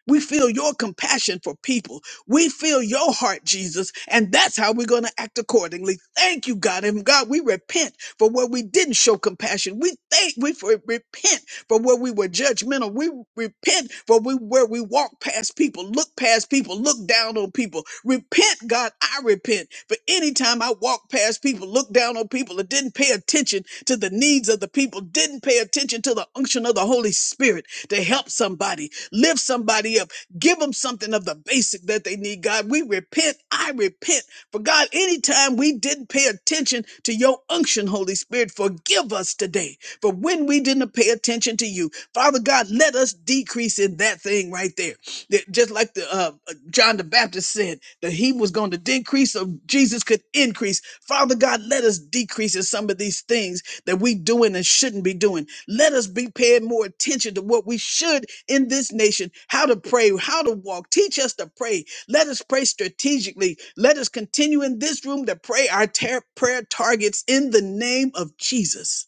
S4: We feel your compassion for people. We feel your heart, Jesus, and that's how we're going to act accordingly. Thank you, God. And God, we repent for where we didn't show compassion. We thank, we for, repent for where we were judgmental. We repent for we where we walk past people, look past people, look down on people. Repent, God, I repent. For anytime I walk past people, look down on people, and didn't pay attention to the needs of the people, didn't pay attention to the unction of the Holy Spirit to help somebody, lift somebody up, give them something of of the basic that they need, God. We repent. I repent. For God, anytime we didn't pay attention to your unction, Holy Spirit, forgive us today. For when we didn't pay attention to you, Father God, let us decrease in that thing right there. That just like the uh, uh, John the Baptist said that he was going to decrease, so Jesus could increase. Father God, let us decrease in some of these things that we doing and shouldn't be doing. Let us be paying more attention to what we should in this nation, how to pray, how to walk. Teach us to pray. Let us pray strategically. Let us continue in this room to pray our tar- prayer targets in the name of Jesus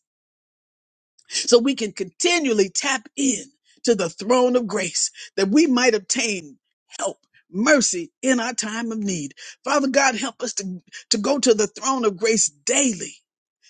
S4: so we can continually tap in to the throne of grace that we might obtain help. Mercy in our time of need. Father God, help us to, to go to the throne of grace daily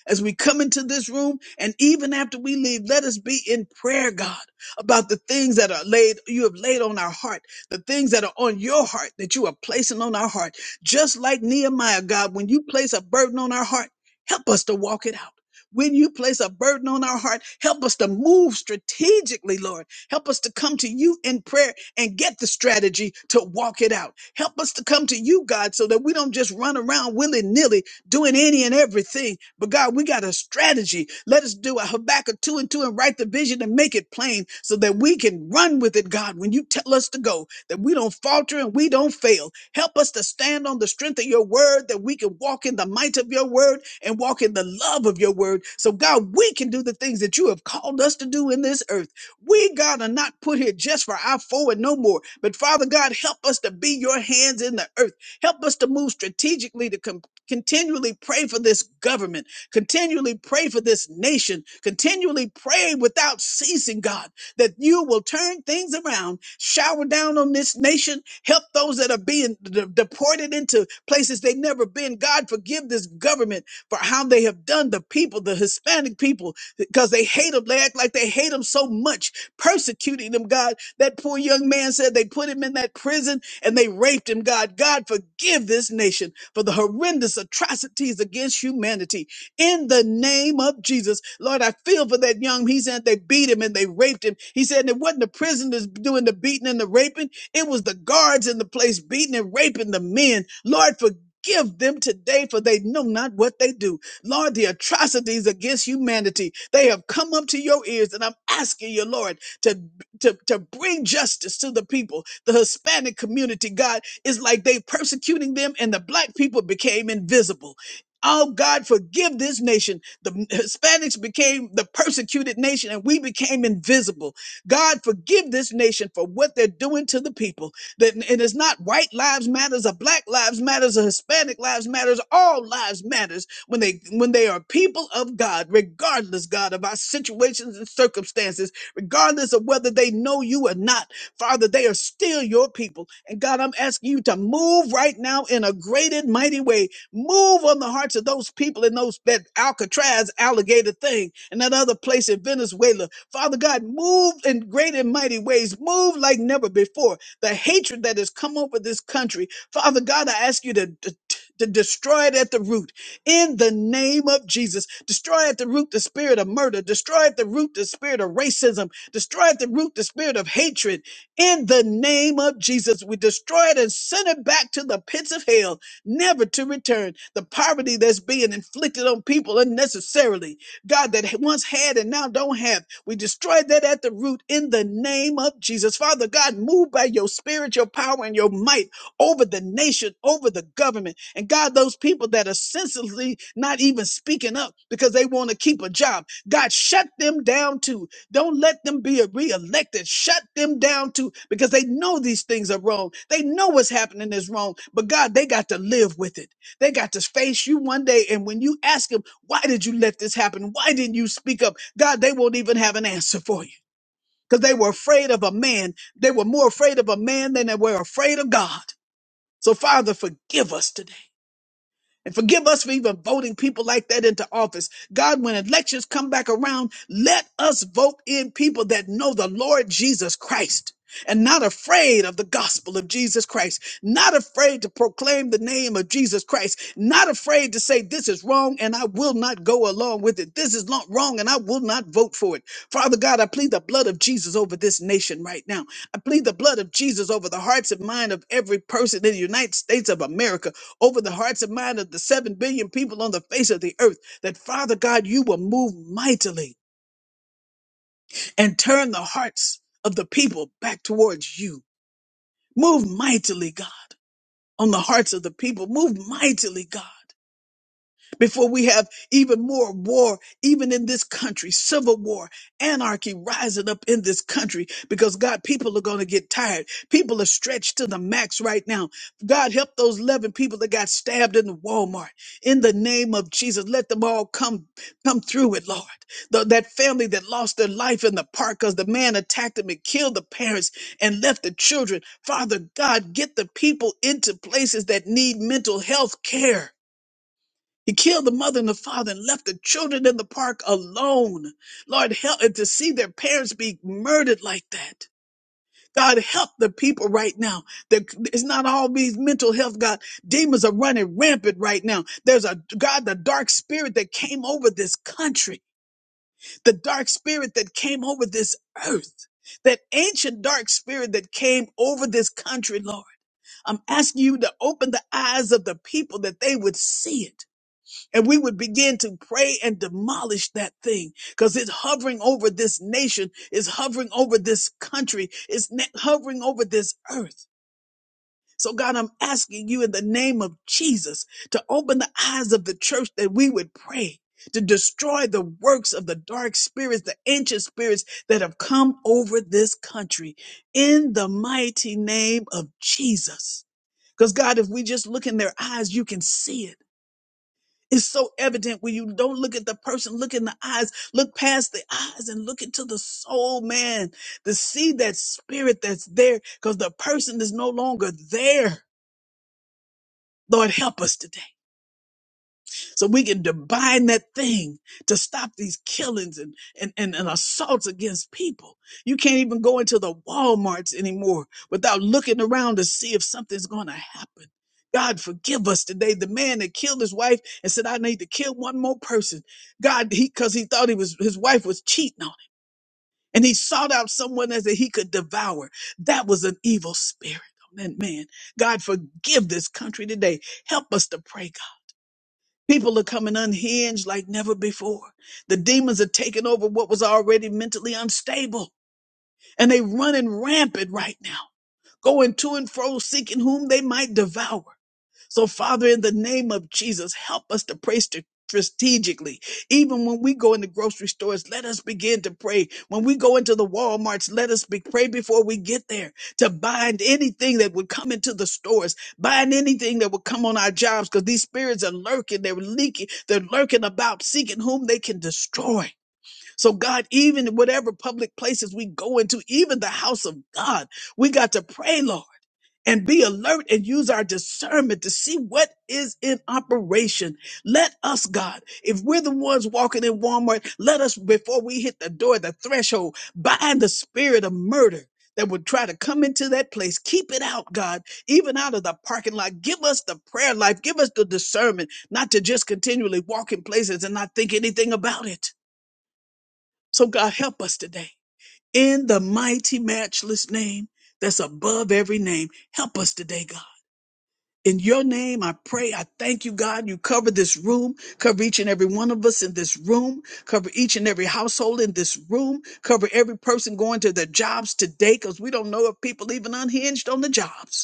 S4: as we come into this room and even after we leave, let us be in prayer, God, about the things that are laid, you have laid on our heart, the things that are on your heart that you are placing on our heart. Just like Nehemiah, God, when you place a burden on our heart, help us to walk it out. When you place a burden on our heart, help us to move strategically, Lord. Help us to come to you in prayer and get the strategy to walk it out. Help us to come to you, God, so that we don't just run around willy nilly, doing any and everything. But God, we got a strategy. Let us do a Habakkuk 2 and 2 and write the vision and make it plain so that we can run with it, God, when you tell us to go, that we don't falter and we don't fail. Help us to stand on the strength of your word, that we can walk in the might of your word and walk in the love of your word. So, God, we can do the things that you have called us to do in this earth. We, God, are not put here just for our forward no more. But Father God, help us to be your hands in the earth. Help us to move strategically to Continually pray for this government. Continually pray for this nation. Continually pray without ceasing, God, that you will turn things around, shower down on this nation, help those that are being de- deported into places they've never been. God, forgive this government for how they have done the people, the Hispanic people, because they hate them. They act like they hate them so much, persecuting them, God. That poor young man said they put him in that prison and they raped him, God. God, forgive this nation for the horrendous atrocities against humanity. In the name of Jesus, Lord, I feel for that young. He said they beat him and they raped him. He said it wasn't the prisoners doing the beating and the raping, it was the guards in the place beating and raping the men. Lord, forgive. Give them today, for they know not what they do. Lord, the atrocities against humanity, they have come up to your ears, and I'm asking you, Lord, to, to, to bring justice to the people, the Hispanic community, God, it's like they persecuting them and the black people became invisible. Oh God, forgive this nation. The Hispanics became the persecuted nation and we became invisible. God, forgive this nation for what they're doing to the people. That and it's not white lives matters or black lives matters or Hispanic lives matters. All lives matters when they when they are people of God, regardless, God, of our situations and circumstances, regardless of whether they know you or not. Father, they are still your people. And God, I'm asking you to move right now in a great and mighty way. Move on the hearts of those people in those that Alcatraz alligator thing and that other place in Venezuela. Father God, move in great and mighty ways. Move like never before. The hatred that has come over this country. Father God, I ask you to to to destroy it at the root in the name of Jesus. Destroy at the root the spirit of murder. Destroy at the root the spirit of racism. Destroy at the root the spirit of hatred in the name of Jesus, we destroy it and send it back to the pits of hell, never to return. The poverty that's being inflicted on people unnecessarily, God, that once had and now don't have, we destroy that at the root in the name of Jesus. Father God, move by your spirit, your power, and your might over the nation, over the government. And God, those people that are senselessly not even speaking up because they want to keep a job, God, shut them down too don't let them be reelected. Shut them down too, because they know these things are wrong. They know what's happening is wrong. But God, they got to live with it. They got to face you one day. And when you ask them, why did you let this happen? Why didn't you speak up? God, they won't even have an answer for you because they were afraid of a man. They were more afraid of a man than they were afraid of God. So, Father, forgive us today. And forgive us for even voting people like that into office. God, when elections come back around, let us vote in people that know the Lord Jesus Christ and not afraid of the gospel of Jesus Christ, not afraid to proclaim the name of Jesus Christ, not afraid to say, This is wrong and I will not go along with it. This is not wrong and I will not vote for it. Father God, I plead the blood of Jesus over this nation right now. I plead the blood of Jesus over the hearts and mind of every person in the United States of America over the hearts and minds of the 7 billion people on the face of the earth that father god you will move mightily and turn the hearts of the people back towards you move mightily god on the hearts of the people move mightily god before we have even more war, even in this country, civil war, anarchy rising up in this country, because God, people are going to get tired. People are stretched to the max right now. God, help those 11 people that got stabbed in the Walmart. In the name of Jesus, let them all come, come through it, Lord. Th- that family that lost their life in the park because the man attacked them and killed the parents and left the children. Father God, get the people into places that need mental health care he killed the mother and the father and left the children in the park alone. Lord, help and to see their parents be murdered like that. God, help the people right now. There- It's not all these mental health, God. Demons are running rampant right now. There's a, God, the dark spirit that came over this country, the dark spirit that came over this earth, that ancient dark spirit that came over this country, Lord. I'm asking you to open the eyes of the people that they would see it and we would begin to pray and demolish that thing because it's hovering over this nation, it's hovering over this country, it's ne- hovering over this earth. So, God, I'm asking you in the name of Jesus to open the eyes of the church that we would pray. To destroy the works of the dark spirits, the ancient spirits that have come over this country in the mighty name of Jesus. Because, God, if we just look in their eyes, you can see it. It's so evident when you don't look at the person, look in the eyes, look past the eyes and look into the soul, man, to see that spirit that's there because the person is no longer there. Lord, help us today so we can divine that thing to stop these killings and, and, and, and assaults against people. You can't even go into the Walmarts anymore without looking around to see if something's going to happen. God, forgive us today. The man that killed his wife and said, I need to kill one more person. God, he, cause he thought he was, his wife was cheating on him and he sought out someone else that he could devour. That was an evil spirit on that man. God, forgive this country today. Help us to pray, God. People are coming unhinged like never before. The demons are taking over what was already mentally unstable, and they running rampant right now, going to and fro seeking whom they might devour. So, Father, in the name of Jesus, help us to pray st- strategically. Even when we go into grocery stores, let us begin to pray. When we go into the Walmarts, let us be, pray before we get there to bind anything that would come into the stores, bind anything that would come on our jobs, because these spirits are lurking, they're leaking, they're lurking about, seeking whom they can destroy. So, God, even whatever public places we go into, even the house of God, we got to pray, Lord and be alert and use our discernment to see what is in operation. Let us, God, if we're the ones walking in Walmart, let us, before we hit the door, the threshold, bind the spirit of murder that would try to come into that place. Keep it out, God, even out of the parking lot. Give us the prayer life. Give us the discernment not to just continually walk in places and not think anything about it. So, God, help us today. In the mighty, matchless name that's above every name, help us today, God. In your name, I pray. I thank you, God. You cover this room, cover each and every one of us in this room, cover each and every household in this room, cover every person going to their jobs today, because we don't know if people even unhinged on the jobs.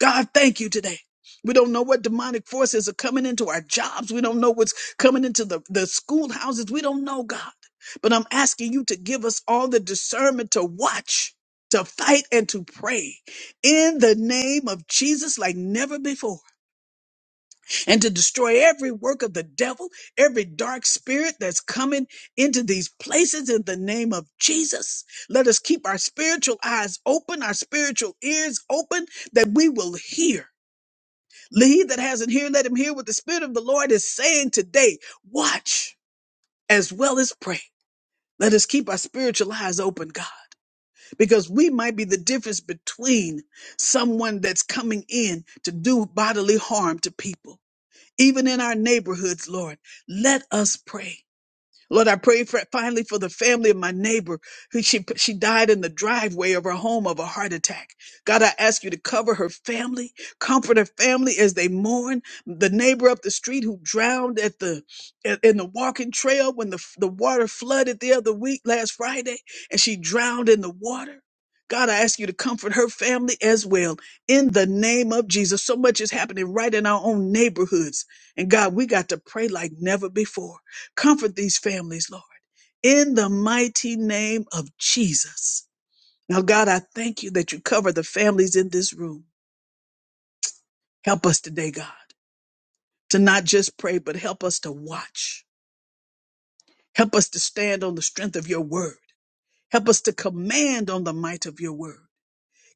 S4: God, thank you today. We don't know what demonic forces are coming into our jobs. We don't know what's coming into the, the schoolhouses. We don't know, God. But I'm asking you to give us all the discernment to watch, to fight, and to pray in the name of Jesus like never before, and to destroy every work of the devil, every dark spirit that's coming into these places in the name of Jesus. Let us keep our spiritual eyes open, our spiritual ears open, that we will hear he that has an ear, let him hear what the Spirit of the Lord is saying today. Watch as well as pray. Let us keep our spiritual eyes open, God, because we might be the difference between someone that's coming in to do bodily harm to people, even in our neighborhoods, Lord. Let us pray. Lord, I pray for finally for the family of my neighbor who she she died in the driveway of her home of a heart attack. God, I ask you to cover her family, comfort her family as they mourn. The neighbor up the street who drowned at the in in the walking trail when the the water flooded the other week last Friday, and she drowned in the water. God, I ask you to comfort her family as well in the name of Jesus. So much is happening right in our own neighborhoods. And God, we got to pray like never before. Comfort these families, Lord, in the mighty name of Jesus. Now, God, I thank you that you cover the families in this room. Help us today, God, to not just pray, but help us to watch. Help us to stand on the strength of your word. Help us to command on the might of your word.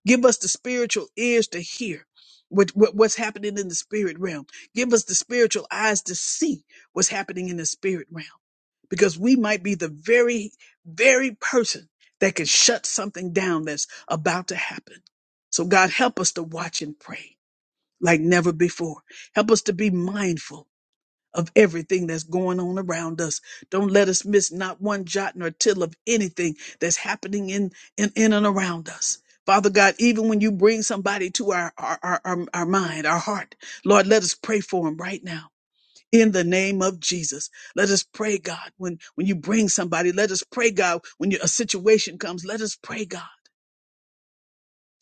S4: Give us the spiritual ears to hear what, what- what's happening in the spirit realm. Give us the spiritual eyes to see what's happening in the spirit realm. Because we might be the very, very person that can shut something down that's about to happen. So God, help us to watch and pray like never before. Help us to be mindful of everything that's going on around us. Don't let us miss not one jot nor tittle of anything that's happening in, in, in and around us. Father God, even when you bring somebody to our, our, our, our, our mind, our heart, Lord, let us pray for them right now. In the name of Jesus, let us pray, God. When when you bring somebody, let us pray, God. When you, a situation comes, let us pray, God,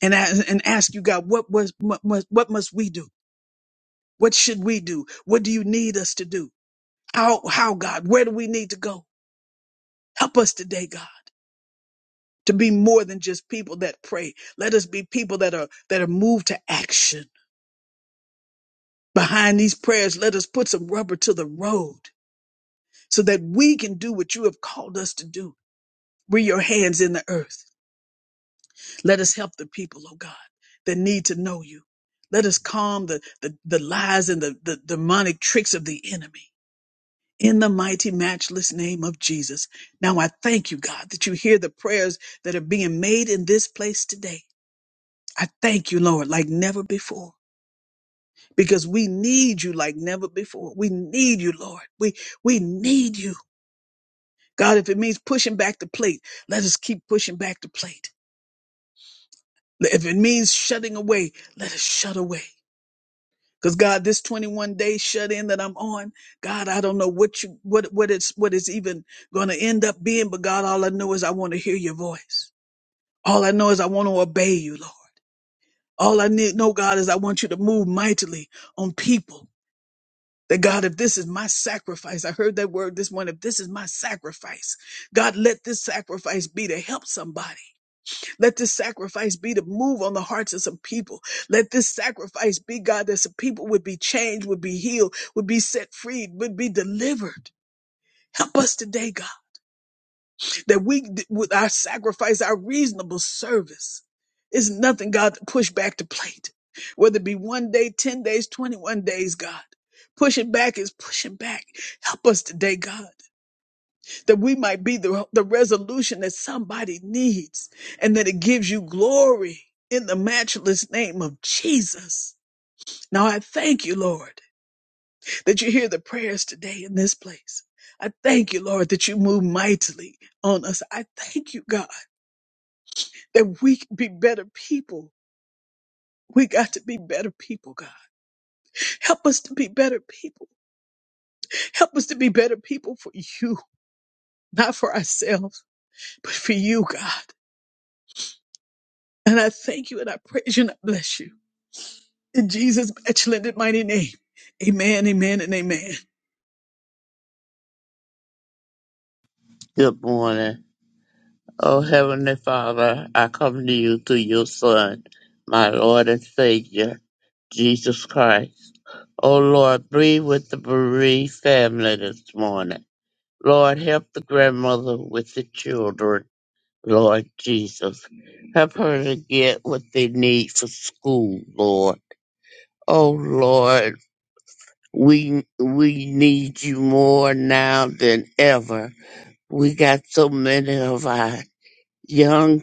S4: and as, and ask you, God, what was what must, what must we do? What should we do? What do you need us to do? How, how, God, where do we need to go? Help us today, God, to be more than just people that pray. Let us be people that are, that are moved to action. Behind these prayers, let us put some rubber to the road so that we can do what you have called us to do. We're your hands in the earth. Let us help the people, oh God, that need to know you. Let us calm the, the, the lies and the, the demonic tricks of the enemy. in the mighty, matchless name of Jesus. Now I thank you, God, that you hear the prayers that are being made in this place today. I thank you, Lord, like never before. Because we need you like never before. We need you, Lord. We we need you. God, if it means pushing back the plate, let us keep pushing back the plate. If it means shutting away, let us shut away. Cause God, this 21 day shut in that I'm on, God, I don't know what you, what, what it's, what it's even going to end up being. But God, all I know is I want to hear your voice. All I know is I want to obey you, Lord. All I need, know, God, is I want you to move mightily on people. That God, if this is my sacrifice, I heard that word this morning. If this is my sacrifice, God, let this sacrifice be to help somebody. Let this sacrifice be to move on the hearts of some people. Let this sacrifice be, God, that some people would be changed, would be healed, would be set free, would be delivered. Help us today, God, that we, with our sacrifice, our reasonable service, is nothing, God, to push back the plate. Whether it be one day, 10 days, 21 days, God, pushing back is pushing back. Help us today, God that we might be the, the resolution that somebody needs and that it gives you glory in the matchless name of Jesus. Now I thank you, Lord, that you hear the prayers today in this place. I thank you, Lord, that you move mightily on us. I thank you, God, that we can be better people. We got to be better people, God. Help us to be better people. Help us to be better people for you, not for ourselves, but for you, God. And I thank you and I praise you and I bless you. In Jesus' excellent mighty name. Amen, amen, and amen.
S5: Good morning. Oh, Heavenly Father, I come to you through your Son, my Lord and Savior, Jesus Christ. Oh, Lord, breathe with the bereaved family this morning. Lord, help the grandmother with the children, Lord Jesus. Help her to get what they need for school, Lord. Oh, Lord, we, we need you more now than ever. We got so many of our young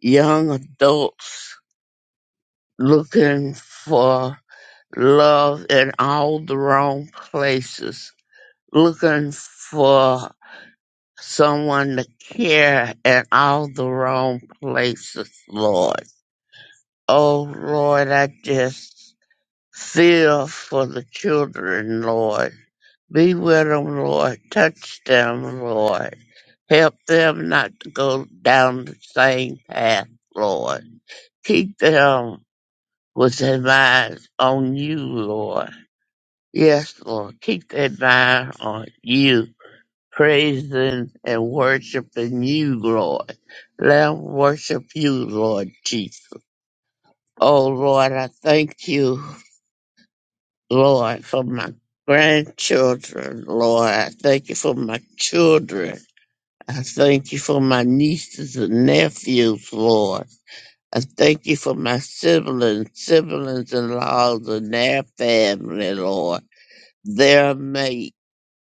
S5: young adults looking for love in all the wrong places, looking for someone to care in all the wrong places, Lord. Oh, Lord, I just feel for the children, Lord. Be with them, Lord. Touch them, Lord. Help them not to go down the same path, Lord. Keep them was their minds on you, Lord. Yes, Lord. Keep their mind on you, praising and worshiping you, Lord. Let 'em worship you, Lord Jesus. Oh, Lord, I thank you, Lord, for my grandchildren, Lord. I thank you for my children. I thank you for my nieces and nephews, Lord. I thank you for my siblings, siblings in laws and their family, Lord. their mate,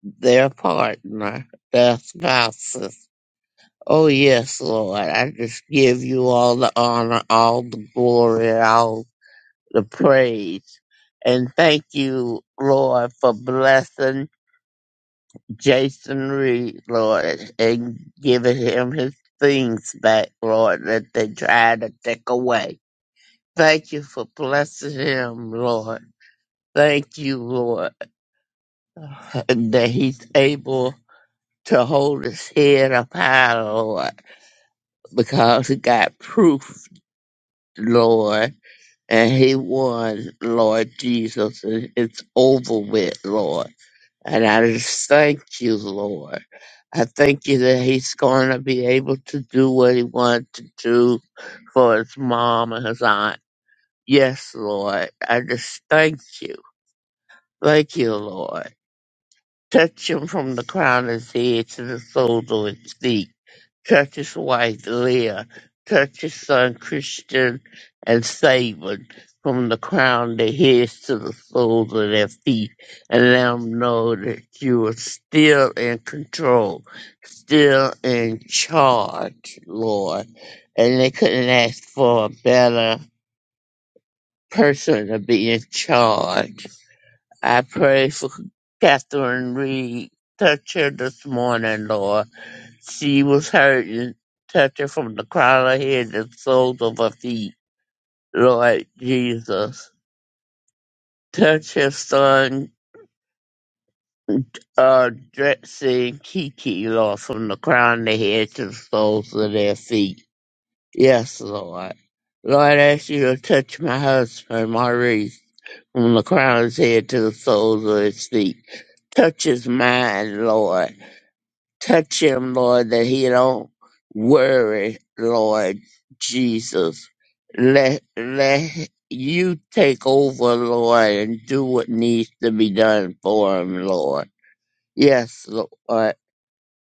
S5: their partner, their spouses. Oh yes, Lord, I just give you all the honor, all the glory, and all the praise. And thank you, Lord, for blessing Jason Reed, Lord, and giving him his things back, Lord, that they tried to take away. Thank you for blessing him, Lord. Thank you, Lord, that he's able to hold his head up high, Lord, because he got proof, Lord, and he won, Lord Jesus, and it's over with, Lord. And I just thank you, Lord. I thank you that he's going to be able to do what he wanted to do for his mom and his aunt. Yes, Lord. I just thank you. Thank you, Lord. Touch him from the crown of his head to the soles of his feet. Curtis' wife Leah, Curtis' son Christian, and Saban, from the crown of their heads to the soles of their feet, and let them know that you are still in control, still in charge, Lord. And they couldn't ask for a better person to be in charge. I pray for Catherine Reed. Touch her this morning, Lord she was hurting, touching from the crown of her head to the soles of her feet. Lord Jesus, touch his son, uh, Drexy and Kiki, Lord, from the crown of their head to the soles of their feet. Yes, Lord. Lord, I ask you to touch my husband, Maurice, from the crown of his head to the soles of his feet. Touch his mind, Lord Touch him, Lord, that he don't worry, Lord Jesus. Let let you take over, Lord, and do what needs to be done for him, Lord. Yes, Lord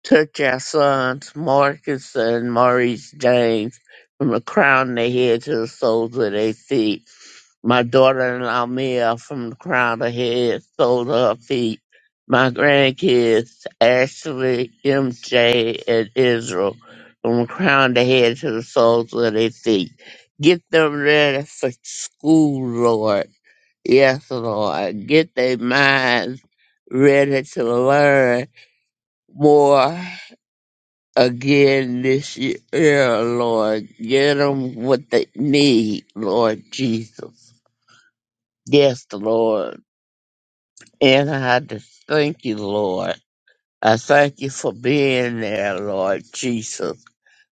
S5: took our sons Marcus and Maurice James from the crown of their head to the soles of their feet. My daughter-in-law Mia from the crown of her head, soles of her feet. My grandkids Ashley, MJ, and Israel from the crown of their head to the soles of their feet. Get them ready for school, Lord. Yes, Lord. Get their minds ready to learn more again this year, Lord. Get them what they need, Lord Jesus. Yes, Lord. And I just thank you, Lord. I thank you for being there, Lord Jesus.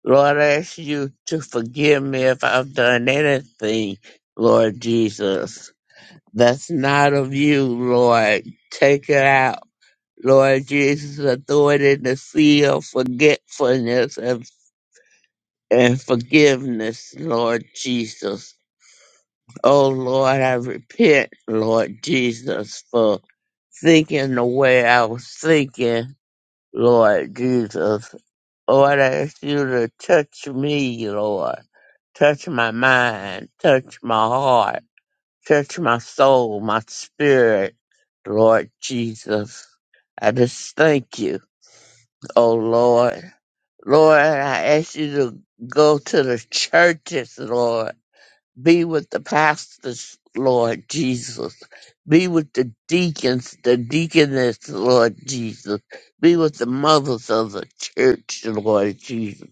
S5: Lord, I ask you to forgive me if I've done anything, Lord Jesus. That's not of you, Lord. Take it out. Lord Jesus, I throw it in the sea of forgetfulness and and forgiveness, Lord Jesus. Oh Lord, I repent, Lord Jesus, for thinking the way I was thinking, Lord Jesus. Lord, I ask you to touch me, Lord. Touch my mind, touch my heart, touch my soul, my spirit, Lord Jesus. I just thank you, oh Lord. Lord, I ask you to go to the churches, Lord Be with the pastors, Lord Jesus. Be with the deacons, the deaconess, Lord Jesus. Be with the mothers of the church, Lord Jesus.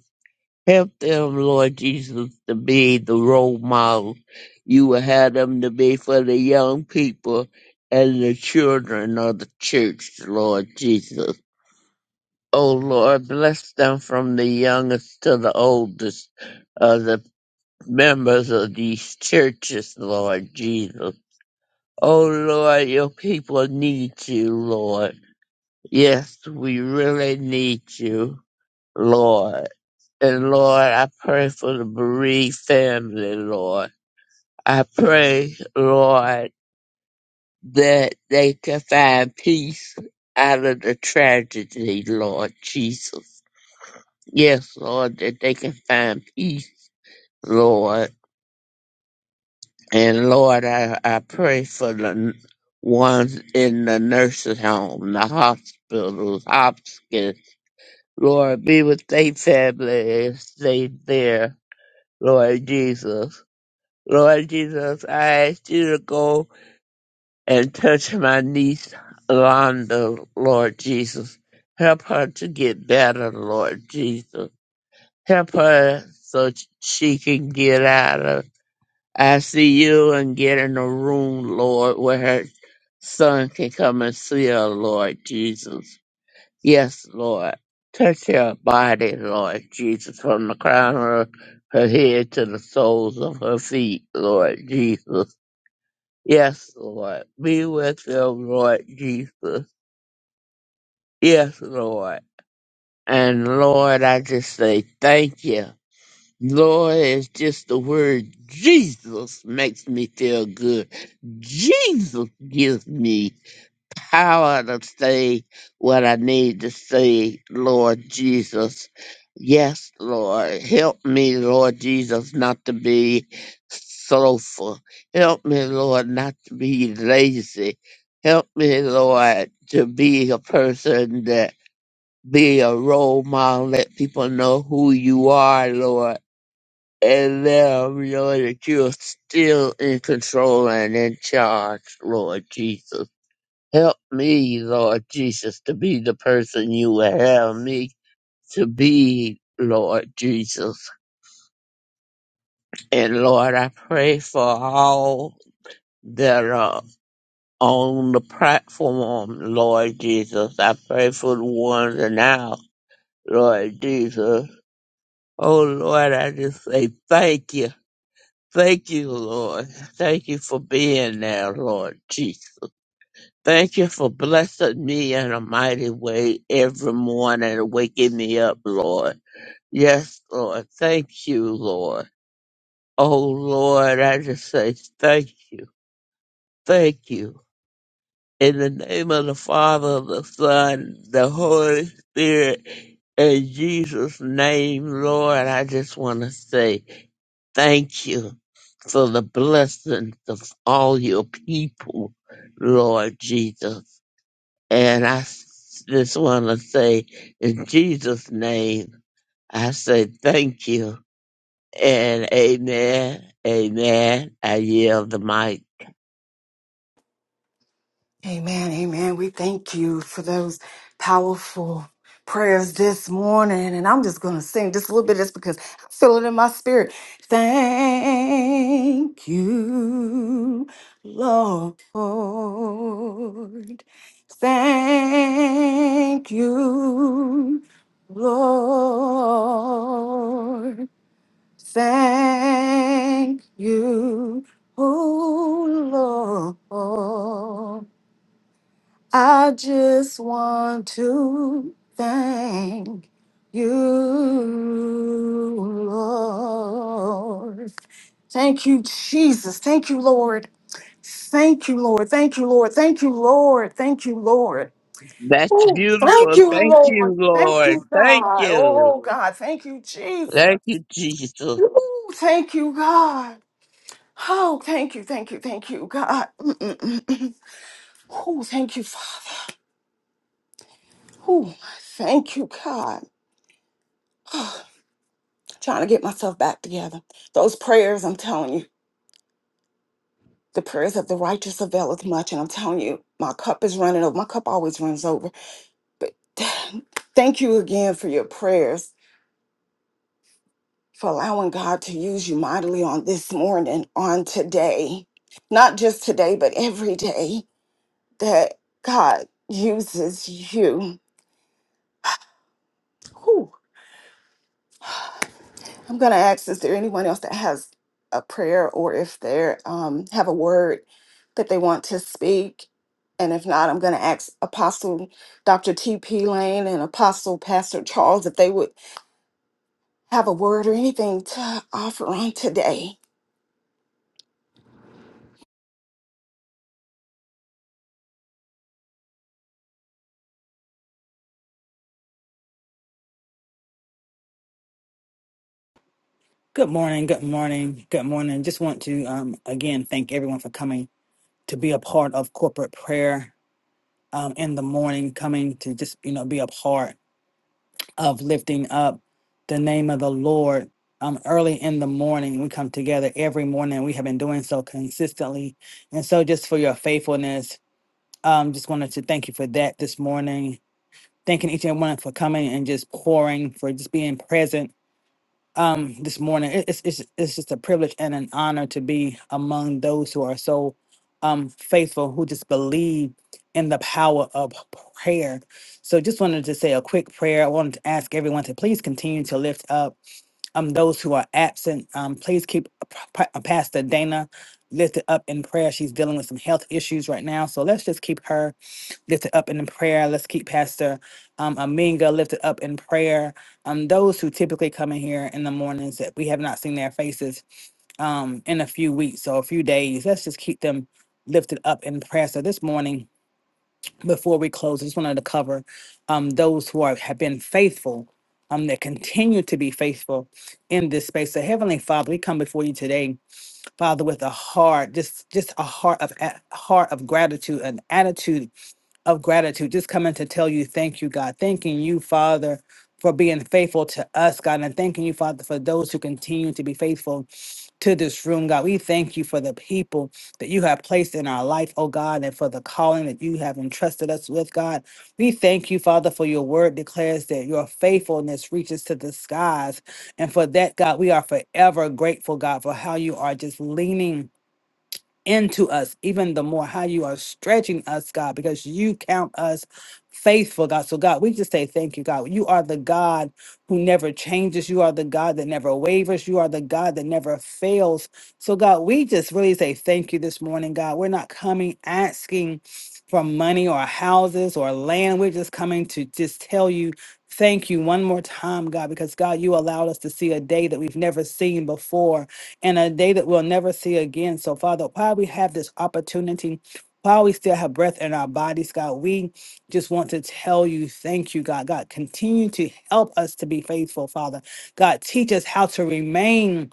S5: Help them, Lord Jesus, to be the role model you will have them to be for the young people and the children of the church, Lord Jesus. Oh Lord, bless them from the youngest to the oldest, members of these churches, Lord Jesus. Oh Lord, your people need you, Lord. Yes, we really need you, Lord. And Lord, I pray for the bereaved family, Lord. I pray, Lord, that they can find peace out of the tragedy, Lord Jesus. Yes, Lord, that they can find peace, Lord. And Lord, I, I pray for the n- ones in the nursing home, the hospitals, hospice. Lord, be with their family and stay there, Lord Jesus. Lord Jesus, I ask you to go and touch my niece, Londa, Lord Jesus. Help her to get better, Lord Jesus. Help her so she can get out of I see you and get in a room, Lord, where her son can come and see her, Lord Jesus. Yes, Lord. Touch her body, Lord Jesus, from the crown of her head to the soles of her feet, Lord Jesus. Yes, Lord. Be with them, Lord Jesus. Yes, Lord. And Lord, I just say thank you. Lord, it's just the word Jesus makes me feel good. Jesus gives me power to say what I need to say, Lord Jesus. Yes, Lord, help me, Lord Jesus, not to be slothful. Help me, Lord, not to be lazy. Help me, Lord, to be a person that be a role model, let people know who you are, Lord and now we know that you are still in control and in charge, Lord Jesus. Help me, Lord Jesus, to be the person you would have me to be, Lord Jesus. And Lord, I pray for all that are on the platform, Lord Jesus. I pray for the ones that now, Lord Jesus. Oh Lord, I just say thank you. Thank you, Lord. Thank you for being there, Lord Jesus. Thank you for blessing me in a mighty way every morning and waking me up, Lord. Yes, Lord. Thank you, Lord. Oh, Lord, I just say thank you. Thank you. In the name of the Father, the Son, the Holy Spirit, in Jesus' name, Lord, I just want to say thank you. for the blessings of all your people, Lord Jesus. And I s- just want to say, in Jesus' name, I say thank you and amen, amen. I yield the mic.
S1: Amen, amen. We thank you for those powerful prayers this morning. And I'm just going to sing just a little bit just because I feel it in my spirit. Thank you, Lord. Thank you, Lord. Thank you, oh Lord. I just want to thank you, Lord. Thank you, Jesus. Thank you, Lord. Thank you, Lord. Thank you, Lord. Thank you, Lord. Thank you, Lord.
S5: That's
S1: Ooh, thank
S5: beautiful.
S1: you,
S5: Thank
S1: Lord.
S5: you,
S1: Thank
S5: Lord.
S1: you,
S5: Thank
S1: God.
S5: you.
S1: Oh, God. Thank you, Jesus.
S5: Thank you, Jesus.
S1: Ooh, thank you, God. Oh, thank you, thank you, thank you, God. Mm-mm-mm-mm. Oh, thank you, Father. Oh, thank you, God. trying to get myself back together. Those prayers, I'm telling you, the prayers of the righteous availeth much. And I'm telling you, my cup is running over. My cup always runs over. But thank you again for your prayers, for allowing God to use you mightily on this morning, on today. Not just today, but every day that God uses you. I'm going to ask is there anyone else that has a prayer or if they um, have a word that they want to speak? And if not, I'm going to ask Apostle Dr. T.P. Lane and Apostle Pastor Charles if they would have a word or anything to offer on today.
S6: Good morning. Good morning. Good morning. Just want to um, again thank everyone for coming to be a part of corporate prayer um, in the morning, coming to just you know be a part of lifting up the name of the Lord. Um, early in the morning, we come together every morning. We have been doing so consistently, and so just for your faithfulness, um, just wanted to thank you for that this morning. Thanking each and one for coming and just pouring for just being present um this morning. It- It's it's it's just a privilege and an honor to be among those who are so um faithful, who just believe in the power of prayer. So just wanted to say a quick prayer. I wanted to ask everyone to please continue to lift up um those who are absent. Um please keep Pa- Pa- Pastor Dana lifted up in prayer. She's dealing with some health issues right now. So let's just keep her lifted up in prayer. Let's keep Pastor um, Aminga lifted up in prayer. Um, those who typically come in here in the mornings that we have not seen their faces um, in a few weeks or a few days. Let's just keep them lifted up in prayer. So this morning, before we close, I just wanted to cover um, those who are, have been faithful, um, that continue to be faithful in this space. So Heavenly Father, we come before you today, Father, with a heart, just just a heart of a heart of gratitude, an attitude of gratitude, just coming to tell you thank you, God. Thanking you, Father, for being faithful to us, God, and thanking you, Father, for those who continue to be faithful to this room, God. We thank you for the people that you have placed in our life, oh God, and for the calling that you have entrusted us with, God. We thank you, Father, for your word declares that your faithfulness reaches to the skies. And for that, God, we are forever grateful, God, for how you are just leaning into us, even the more how you are stretching us, God, because you count us faithful, God. So, God, we just say thank you, God. You are the God who never changes. You are the God that never wavers. You are the God that never fails. So, God, we just really say thank you this morning, God. We're not coming asking for money or houses or land. We're just coming to just tell you. Thank you one more time, God, because God, you allowed us to see a day that we've never seen before and a day that we'll never see again. So, Father, while we have this opportunity, while we still have breath in our bodies, God, we just want to tell you thank you, God. God, continue to help us to be faithful, Father. God, teach us how to remain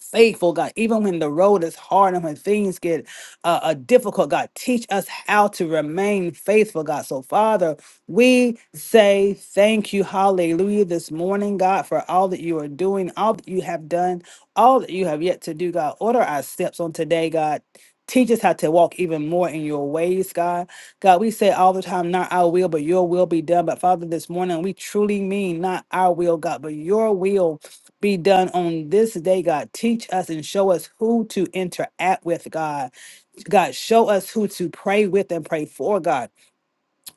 S6: faithful, God. Even when the road is hard and when things get uh, uh, difficult, God, teach us how to remain faithful, God. So, Father, we say thank you, hallelujah, this morning, God, for all that you are doing, all that you have done, all that you have yet to do, God. Order our steps on today, God. Teach us how to walk even more in your ways, God. God, we say all the time, not our will, but your will be done. But Father, this morning, we truly mean not our will, God, but your will be done on this day, God. Teach us and show us who to interact with, God. God, show us who to pray with and pray for, God.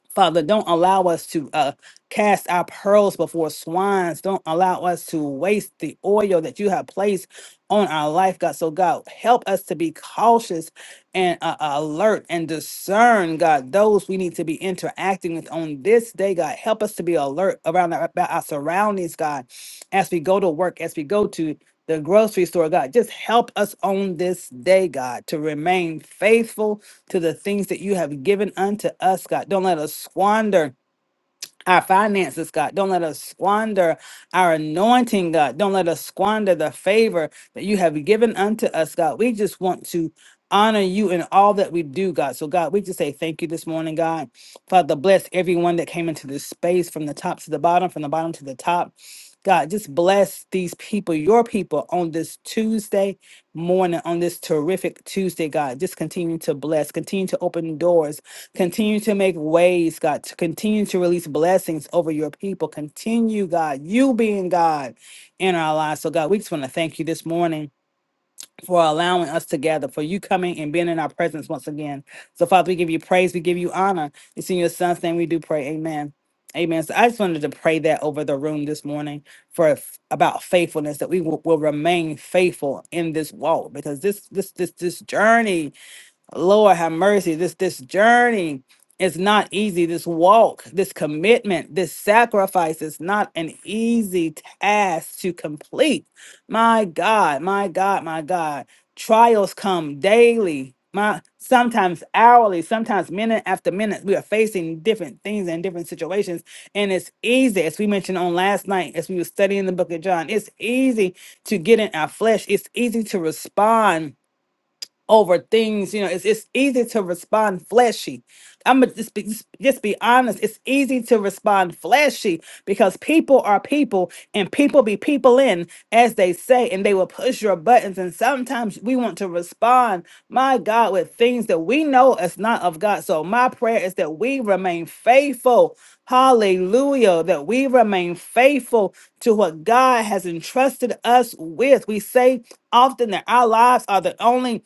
S6: Father, don't allow us to uh, cast our pearls before swines. Don't allow us to waste the oil that you have placed on our life, God. So, God, help us to be cautious and uh, alert and discern, God, those we need to be interacting with on this day, God. Help us to be alert around our, about our surroundings, God, as we go to work, as we go to the grocery store, God. Just help us on this day, God, to remain faithful to the things that you have given unto us, God. Don't let us squander our finances, God. Don't let us squander our anointing, God. Don't let us squander the favor that you have given unto us, God. We just want to honor you in all that we do, God. So, God, we just say thank you this morning, God. Father, bless everyone that came into this space from the top to the bottom, from the bottom to the top. God, just bless these people, your people, on this Tuesday morning, on this terrific Tuesday, God. Just continue to bless, continue to open doors Continue to make ways, God, to continue to release blessings over your people. Continue, God, you being God in our lives. So, God, we just want to thank you this morning for allowing us to gather, for you coming and being in our presence once again. So, Father, we give you praise, we give you honor. It's in your son's name we do pray. Amen. Amen. So I just wanted to pray that over the room this morning for f- about faithfulness that we will, will remain faithful in this walk because this this this this journey Lord have mercy. This this journey is not easy. This walk, this commitment, this sacrifice is not an easy task to complete. My God, my God, my God. Trials come daily. My sometimes hourly, sometimes minute after minute, we are facing different things and different situations. And it's easy, as we mentioned on last night, as we were studying the book of John, it's easy to get in our flesh. It's easy to respond over things. You know, it's it's easy to respond fleshy. I'm gonna just be, just just be honest. It's easy to respond fleshy because people are people, and people be people in, as they say, and they will push your buttons. And sometimes we want to respond, my God, with things that we know is not of God. So my prayer is that we remain faithful. Hallelujah. That we remain faithful to what God has entrusted us with. We say often that our lives are the only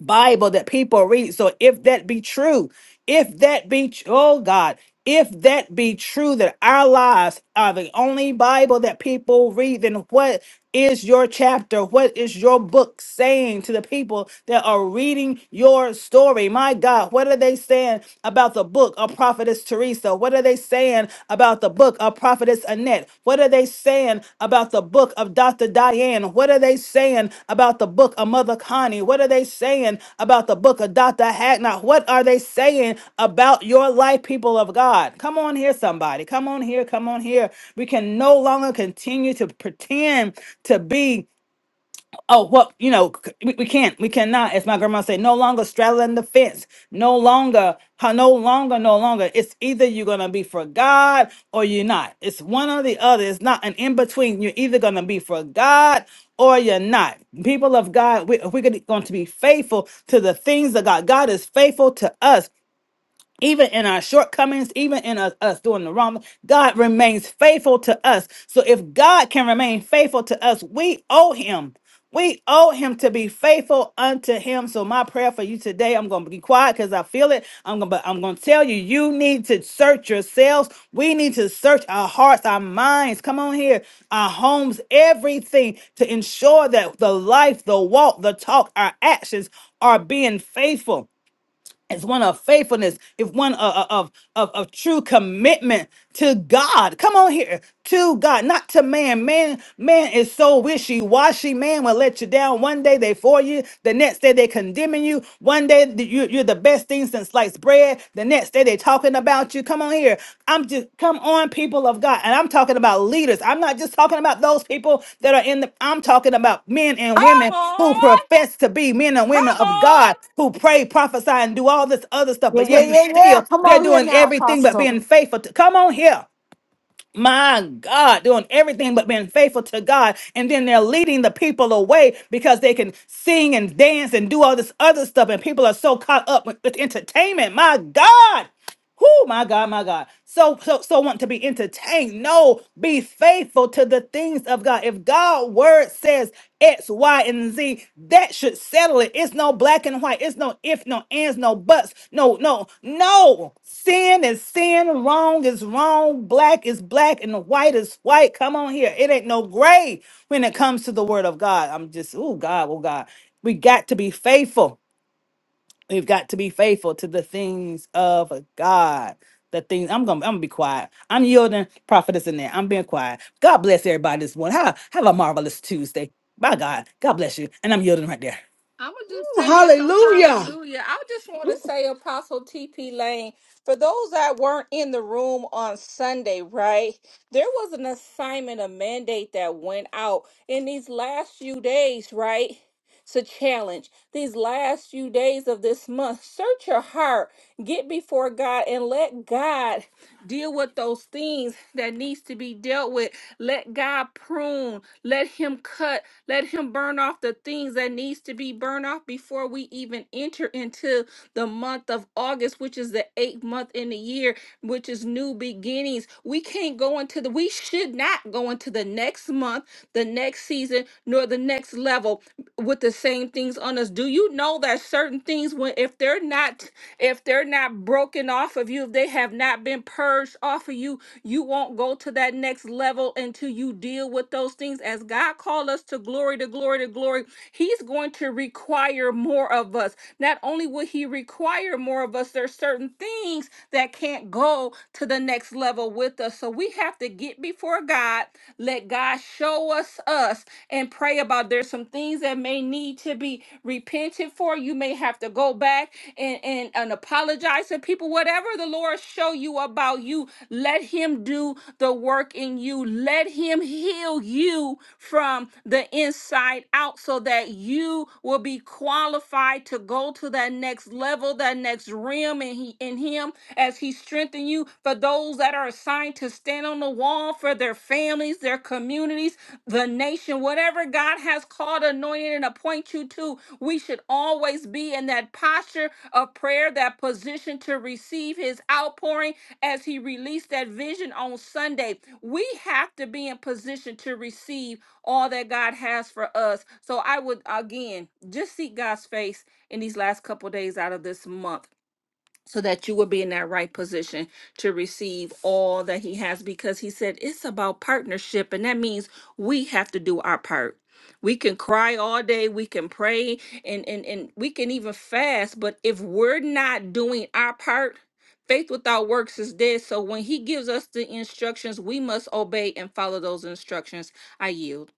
S6: Bible that people read. So if that be true, if that be tr- oh God, if that be true that our lives are the only Bible that people read, then what is your chapter? What is your book saying to the people that are reading your story? My God, what are they saying about the book of Prophetess Teresa? What are they saying about the book of Prophetess Annette? What are they saying about the book of Dr. Diane? What are they saying about the book of Mother Connie? What are they saying about the book of Dr. Hacknock? What are they saying about your life, people of God? Come on here, somebody. Come on here. Come on here. We can no longer continue to pretend to be oh well you know c- we, we can't we cannot as my grandma said no longer straddling the fence no longer how no longer no longer it's either you're gonna be for god or you're not it's one or the other it's not an in-between you're either gonna be for god or you're not people of god we, we're going to be faithful to the things of god god is faithful to us even in our shortcomings, even in us, us doing the wrong, God remains faithful to us. So if God can remain faithful to us, we owe him. We owe him to be faithful unto him. So my prayer for you today, I'm gonna be quiet because I feel it. I'm going but I'm gonna tell you, you need to search yourselves. We need to search our hearts, our minds. Come on here, our homes, everything to ensure that the life, the walk, the talk, our actions are being faithful it's one of faithfulness it's one of, of of of true commitment to god come on here to god not to man man man is so wishy-washy man will let you down one day they for you the next day they condemning you one day th- you, you're the best thing since sliced bread the next day they talking talking about you. Come on here. I'm just come on, people of God. And I'm talking about leaders. I'm not just talking about those people that are in the I'm talking about men and
S7: Come
S6: women who
S7: on.
S6: profess to be men and women
S7: Come
S6: of
S7: on.
S6: God who pray, prophesy, and do all this other stuff,
S1: Yeah,
S6: but
S1: yeah,
S6: yet and
S1: yeah, yeah.
S6: still
S1: Come
S6: they're
S1: on here
S6: doing
S1: now,
S6: everything but
S1: Apostle.
S6: being faithful to come on here. My God, doing everything but being faithful to God. And then they're leading the people away because they can sing and dance and do all this other stuff. And people are so caught up with, with entertainment. My God. Oh my God, my God. So so so want to be entertained. No, be faithful to the things of God. If God word word says X, Y, and Z, that should settle it. It's no black and white. It's no if, no ands, no buts. No, no, no. Sin is sin. Wrong is wrong. Black is black and white is white. Come on here. It ain't no gray when it comes to the word of God. I'm just, oh God, oh God. We got to be faithful. We've got to be faithful to the things of God. The things I'm gonna I'm gonna be quiet. I'm yielding prophetess in there. I'm being quiet. God bless everybody this morning. Have, have a marvelous Tuesday. By God. God bless you. And I'm yielding right there.
S7: I'm going to just say this. So, hallelujah. I just want to say, Apostle TP Lane, for those that weren't in the room on Sunday, right? There was an assignment, a mandate that went out in these last few days, right? It's a challenge. These last few days of this month, search your heart, get before God, and let God deal with those things that needs to be dealt with. Let God prune. Let Him cut. Let him burn off the things that needs to be burned off before we even enter into the month of August, which is the eighth month in the year, which is new beginnings. We can't go into the we should not go into the next month, the next season, nor the next level with the same things on us. Do you know that certain things when if they're not if they're not broken off of you, if they have not been purged off of you, you won't go to that next level until you deal with those things. As God called us to glory, to glory, to glory, He's going to require more of us. Not only will He require more of us, there's certain things that can't go to the next level with us. So we have to get before God, let God show us us, and pray about. There's some things that may need to be repented for. You may have to go back and, and, and apologize to people. Whatever the Lord show you about you, let Him do the work in you. Let Him heal you from the inside inside out so that you will be qualified to go to that next level, that next realm in, he, in Him as He strengthens you. For those that are assigned to stand on the wall for their families, their communities, the nation, whatever God has called, anointed, and appointed you to, we should always be in that posture of prayer, that position to receive His outpouring as He released that vision on Sunday. We have to be in position to receive all that God has for us. So I would again just seek God's face in these last couple days out of this month so that you will be in that right position to receive all that he has because he said it's about partnership and that means we have to do our part. We can cry all day, we can pray and and and we can even fast, but if we're not doing our part, faith without works is dead. So when he gives us the instructions, we must obey and follow those instructions. I yield.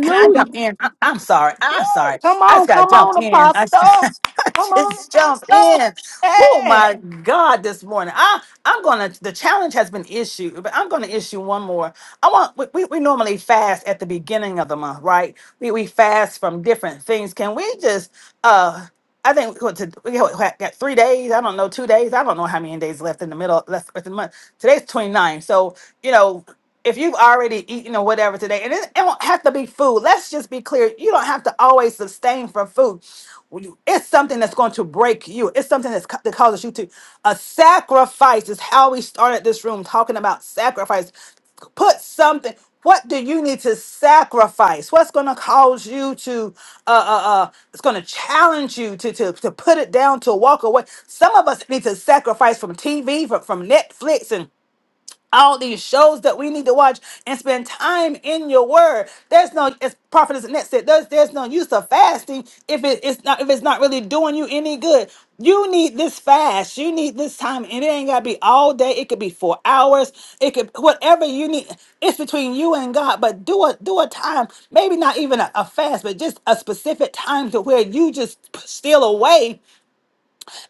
S6: Can I jump in? I- I'm sorry. I'm sorry. I just got to jump in. I just, I just jump in. Oh my God! This morning, I I'm gonna. The challenge has been issued, but I'm gonna issue one more. I want. We, we, we normally fast at the beginning of the month, right? We we fast from different things. Can we just uh? I think what to, we got, what, got three days. I don't know, two days. I don't know how many days left in the middle, left in the month. Today's 29. So, you know, if you've already eaten or whatever today, and it, it won't have to be food. Let's just be clear. You don't have to always sustain for food. When you- It's something that's going to break you. It's something that's, ca- that causes you to. A sacrifice is how we started this room talking about sacrifice put something what do you need to sacrifice what's going to cause you to uh uh, uh it's going to challenge you to, to to put it down to walk away some of us need to sacrifice from tv from, from netflix all these shows that we need to watch and spend time in your word. There's no as prophetess Annette said, there's there's no use of fasting if it- it's not if it's not really doing you any good. You need this fast. You need this time. And it ain't gotta be all day. It could be four hours. It could whatever you need. It's between you and God. But do a do a time, maybe not even a, a fast, but just a specific time to where you just steal away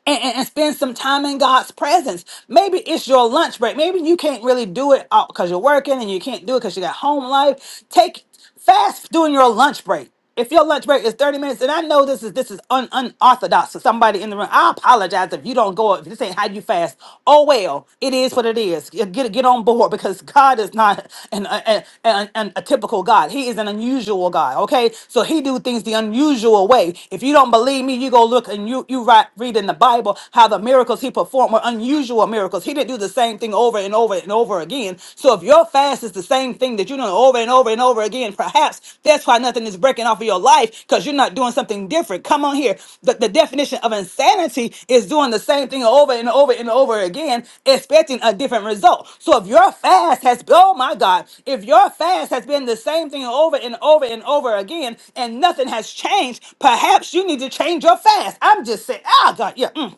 S6: and, and, and spend some time in God's presence. Maybe it's your lunch break. Maybe you can't really do it because you're working and you can't do it because you got home life. Take fast during your lunch break. If your lunch break is 30 minutes, and I know this is this is un, unorthodox for somebody in the room, I apologize if you don't go if this ain't how you fast. Oh well, it is what it is. Get get on board because God is not an, an, an, an- a typical God. He is an unusual God. Okay, so He do things the unusual way. If you don't believe me, you go look and you you write, read in the Bible how the miracles He performed were unusual miracles. He didn't do the same thing over and over and over again. So if your fast is the same thing that you do over and over and over again, perhaps that's why nothing is breaking off of your life because you're not doing something different. Come on here. The, the definition of insanity is doing the same thing over and over and over again, expecting a different result. So if your fast has, oh my God, if your fast has been the same thing over and over and over again and nothing has changed, perhaps you need to change your fast. I'm just saying, oh God, yeah. mm,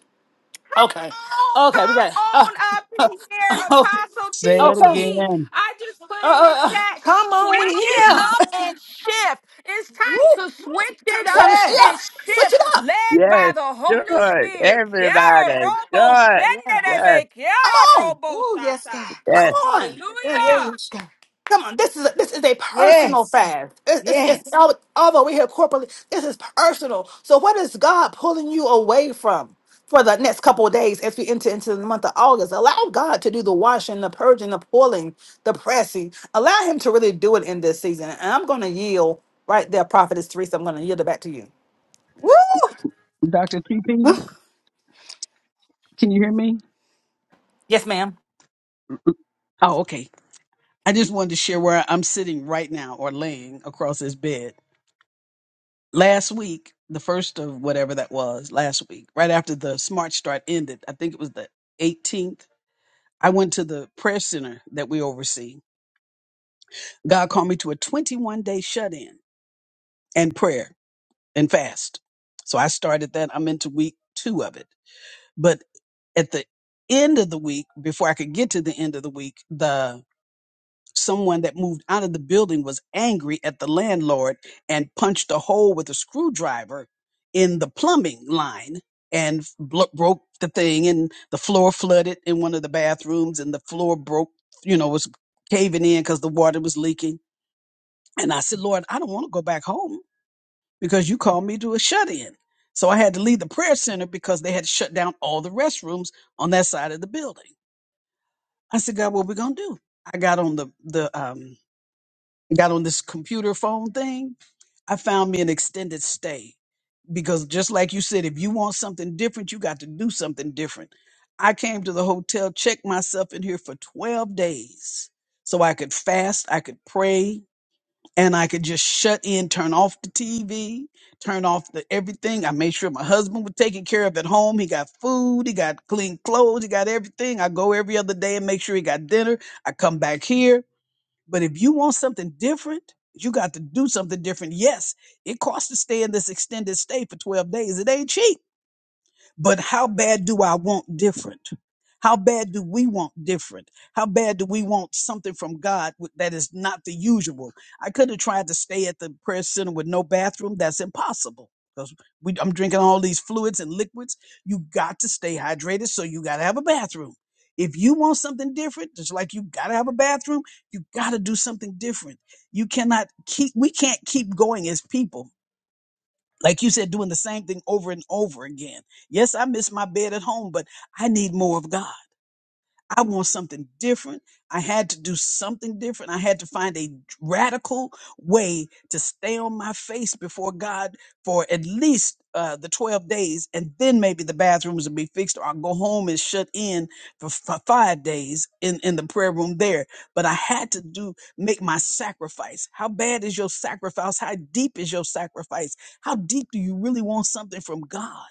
S6: okay.
S7: Oh,
S6: Okay, we
S7: come
S6: got it. Uh,
S7: on up
S6: uh,
S7: here,
S6: oh,
S7: Apostle
S6: okay. Uh,
S7: TP. I just put in the
S6: uh, uh,
S7: chat,
S1: Come on
S7: switch it
S1: here.
S7: up and shift. It's time
S1: Woo.
S7: to switch it
S6: it's
S7: up
S6: time to, yeah,
S7: and
S1: Yes.
S6: switch it
S7: shift,
S6: up.
S7: led
S5: Yes,
S7: by the Holy
S5: sure.
S7: Spirit. Quiero
S5: Everybody,
S7: robo
S5: sure.
S1: Yeah.
S5: Yes,
S7: shendebe,
S6: Come
S7: quiero
S6: on.
S7: robo
S1: Oh, yes,
S7: sata.
S1: God.
S5: yes.
S6: Come on.
S1: Yeah, yeah,
S7: Hallelujah.
S1: yes, God.
S6: Come on, this is a, this is a personal
S1: Yes.
S6: fast. It's, it's, it's
S1: Yes.
S6: all, although we're here corporately, this is personal. So, what is God pulling you away from for the next couple of days as we enter into the month of August? Allow God to do the washing, the purging, the pulling, the pressing. Allow Him to really do it in this season. And I'm going to yield right there, Prophetess Teresa. I'm going to yield it back to you.
S4: Can you hear me?
S6: Yes, ma'am.
S4: Oh, okay. I just wanted to share where I'm sitting right now or laying across this bed. Last week, the first of whatever that was, last week, right after the Smart Start ended, I think it was the 18th, I went to the prayer center that we oversee. God called me to a 21 day shut in and prayer and fast. So I started that. I'm into week two of it. But at the end of the week, before I could get to the end of the week, the someone that moved out of the building was angry at the landlord and punched a hole with a screwdriver in the plumbing line and blo- broke the thing and the floor flooded in one of the bathrooms and the floor broke, you know, was caving in because the water was leaking. And I said, Lord, I don't want to go back home because you called me to a shut in. So I had to leave the prayer center because they had shut down all the restrooms on that side of the building. I said, God, what we gonna do? I got on the the um got on this computer phone thing. I found me an extended stay because just like you said, if you want something different, you got to do something different. I came to the hotel, checked myself in here for 12 days so I could fast, I could pray, and I could just shut in, turn off the TV, turn off the everything. I made sure my husband was taken care of at home. He got food, he got clean clothes, he got everything. I go every other day and make sure he got dinner. I come back here. But if you want something different, you got to do something different. Yes, it costs to stay in this extended stay for 12 days. It ain't cheap but how bad do I want different? How bad do we want different? How bad do we want something from God w- that is not the usual? I could have tried to stay at the prayer center with no bathroom. That's impossible because we, I'm drinking all these fluids and liquids. You got to stay hydrated, so you got to have a bathroom. If you want something different, just like you got to have a bathroom, you got to do something different. You cannot keep, we can't keep going as people like you said, doing the same thing over and over again. Yes, I miss my bed at home, but I need more of God. I want something different. I had to do something different. I had to find a radical way to stay on my face before God for at least uh, the 12 days. And then maybe the bathrooms will be fixed or I'll go home and shut in for, for five days in, in the prayer room there. But I had to do, make my sacrifice. How bad is your sacrifice? How deep is your sacrifice? How deep do you really want something from God?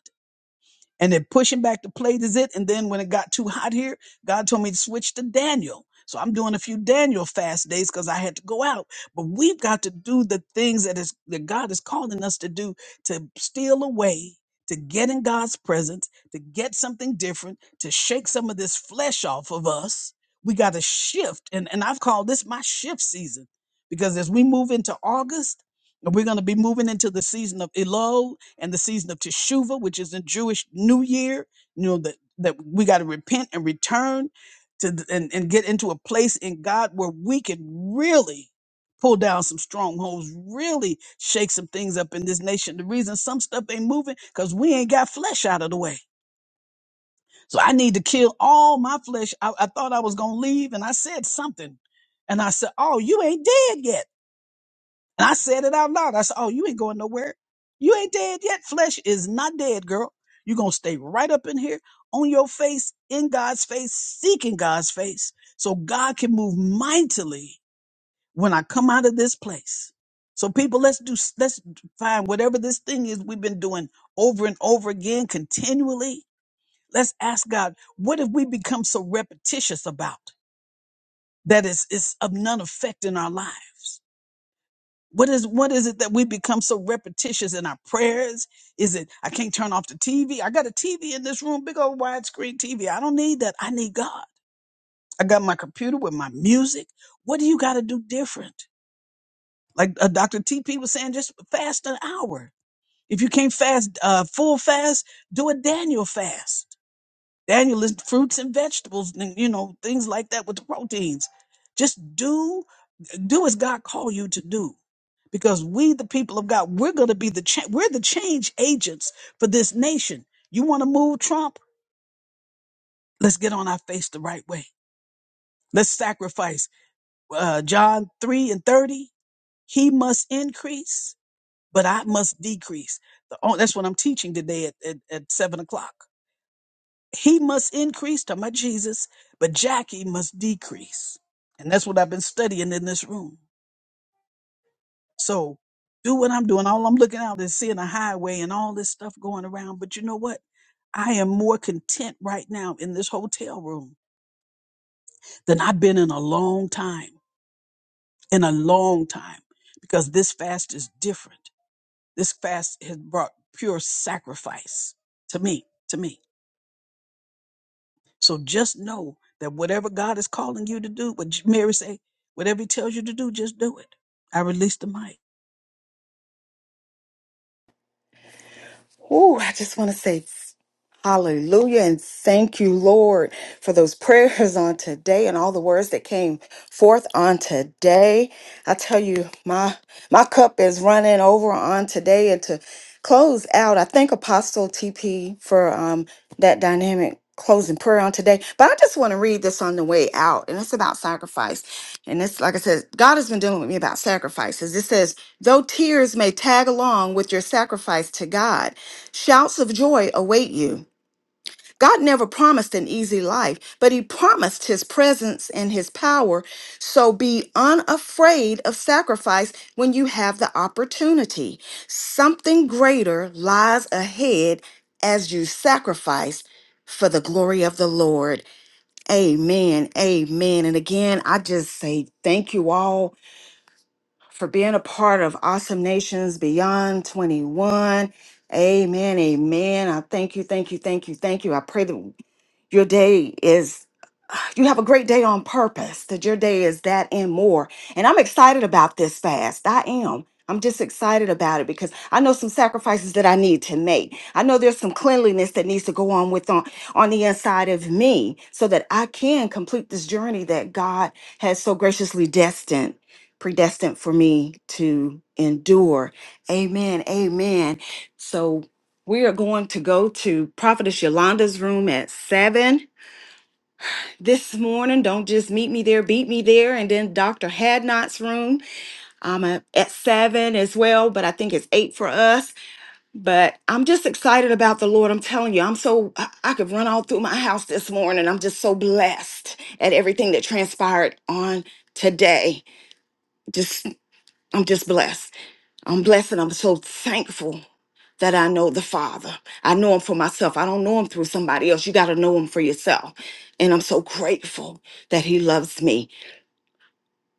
S4: and they're pushing back the plate is it and then when it got too hot here god told me to switch to daniel so i'm doing a few daniel fast days because i had to go out but we've got to do the things that is that god is calling us to do to steal away to get in god's presence to get something different to shake some of this flesh off of us we got to shift and, and i've called this my shift season because as we move into august we're going to be moving into the season of Elul and the season of Teshuvah, which is the Jewish New Year. You know that that we got to repent and return to th- and and get into a place in God where we can really pull down some strongholds, really shake some things up in this nation. The reason some stuff ain't moving because we ain't got flesh out of the way. So I need to kill all my flesh. I, I thought I was gonna leave, and I said something, and I said, "Oh, you ain't dead yet." And I said it out loud. I said, Oh, you ain't going nowhere. You ain't dead yet. Flesh is not dead, girl. You're going to stay right up in here on your face, in God's face, seeking God's face so God can move mightily when I come out of this place. So people, let's do, let's find whatever this thing is we've been doing over and over again continually. Let's ask God, what have we become so repetitious about that is, is of none effect in our lives? What is what is it that we become so repetitious in our prayers? Is it I can't turn off the TV? I got a TV in this room, big old widescreen TV. I don't need that. I need God. I got my computer with my music. What do you got to do different? Like uh, Dr. TP was saying, just fast an hour. If you can't fast uh, full fast, do a Daniel fast. Daniel is fruits and vegetables, and you know things like that with the proteins. Just do do as God called you to do because we the people of god we're going to be the cha- we're the change agents for this nation you want to move trump let's get on our face the right way let's sacrifice uh, john 3 and 30 he must increase but i must decrease the, oh, that's what i'm teaching today at, at, at 7 o'clock he must increase talking about jesus but jackie must decrease and that's what i've been studying in this room so do what i'm doing all i'm looking out is seeing a highway and all this stuff going around but you know what I am more content right now in this hotel room than I've been in a long time, in a long time, because this fast is different. This fast has brought pure sacrifice to me, to me. So just know that whatever God is calling you to do, what Mary say, whatever he tells you to do, just do it. I release the mic.
S1: Ooh, I just want to say Hallelujah. And thank you, Lord, for those prayers on today and all the words that came forth on today. I tell you, my my cup is running over on today. And to close out, I thank Apostle TP for um, that dynamic closing prayer on today. But I just want to read this on the way out. And it's about sacrifice. And it's like I said, God has been dealing with me about sacrifices. It says, though tears may tag along with your sacrifice to God, shouts of joy await you. God never promised an easy life, but He promised His presence and His power. So be unafraid of sacrifice when you have the opportunity. Something greater lies ahead as you sacrifice for the glory of the Lord. Amen. Amen. And again, I just say thank you all for being a part of Awesome Nations Beyond 21. Amen. Amen. I thank you. Thank you. Thank you. Thank you. I pray that your day is you have a great day on purpose that your day is that and more and i'm excited about this fast i am i'm just excited about it because i know some sacrifices that i need to make i know there's some cleanliness that needs to go on with on, on the inside of me so that i can complete this journey that god has so graciously destined predestined for me to endure amen amen so we are going to go to prophetess yolanda's room at seven this morning. Don't just meet me there, beat me there. And then Dr. Hadnot's room. I'm at at seven as well, but I think it's eight for us. But I'm just excited about the Lord. I'm telling you, I'm so, I, I could run all through my house this morning. I'm just so blessed at everything that transpired on today. Just, I'm just blessed. I'm blessed and I'm so thankful that I know the Father. I know Him for myself. I don't know Him through somebody else. You got to know Him for yourself. And I'm so grateful that He loves me.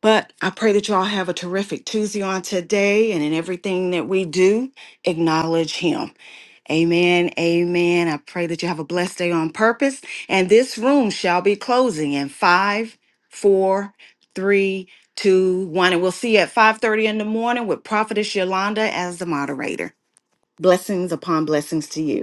S1: But I pray that y'all have a terrific Tuesday on today and in everything that we do, acknowledge Him. Amen. Amen. I pray that you have a blessed day on purpose. And this room shall be closing in five, four, three, two, one. And we'll see you at 5:30 in the morning with Prophetess Yolanda as the moderator. Blessings upon blessings to you.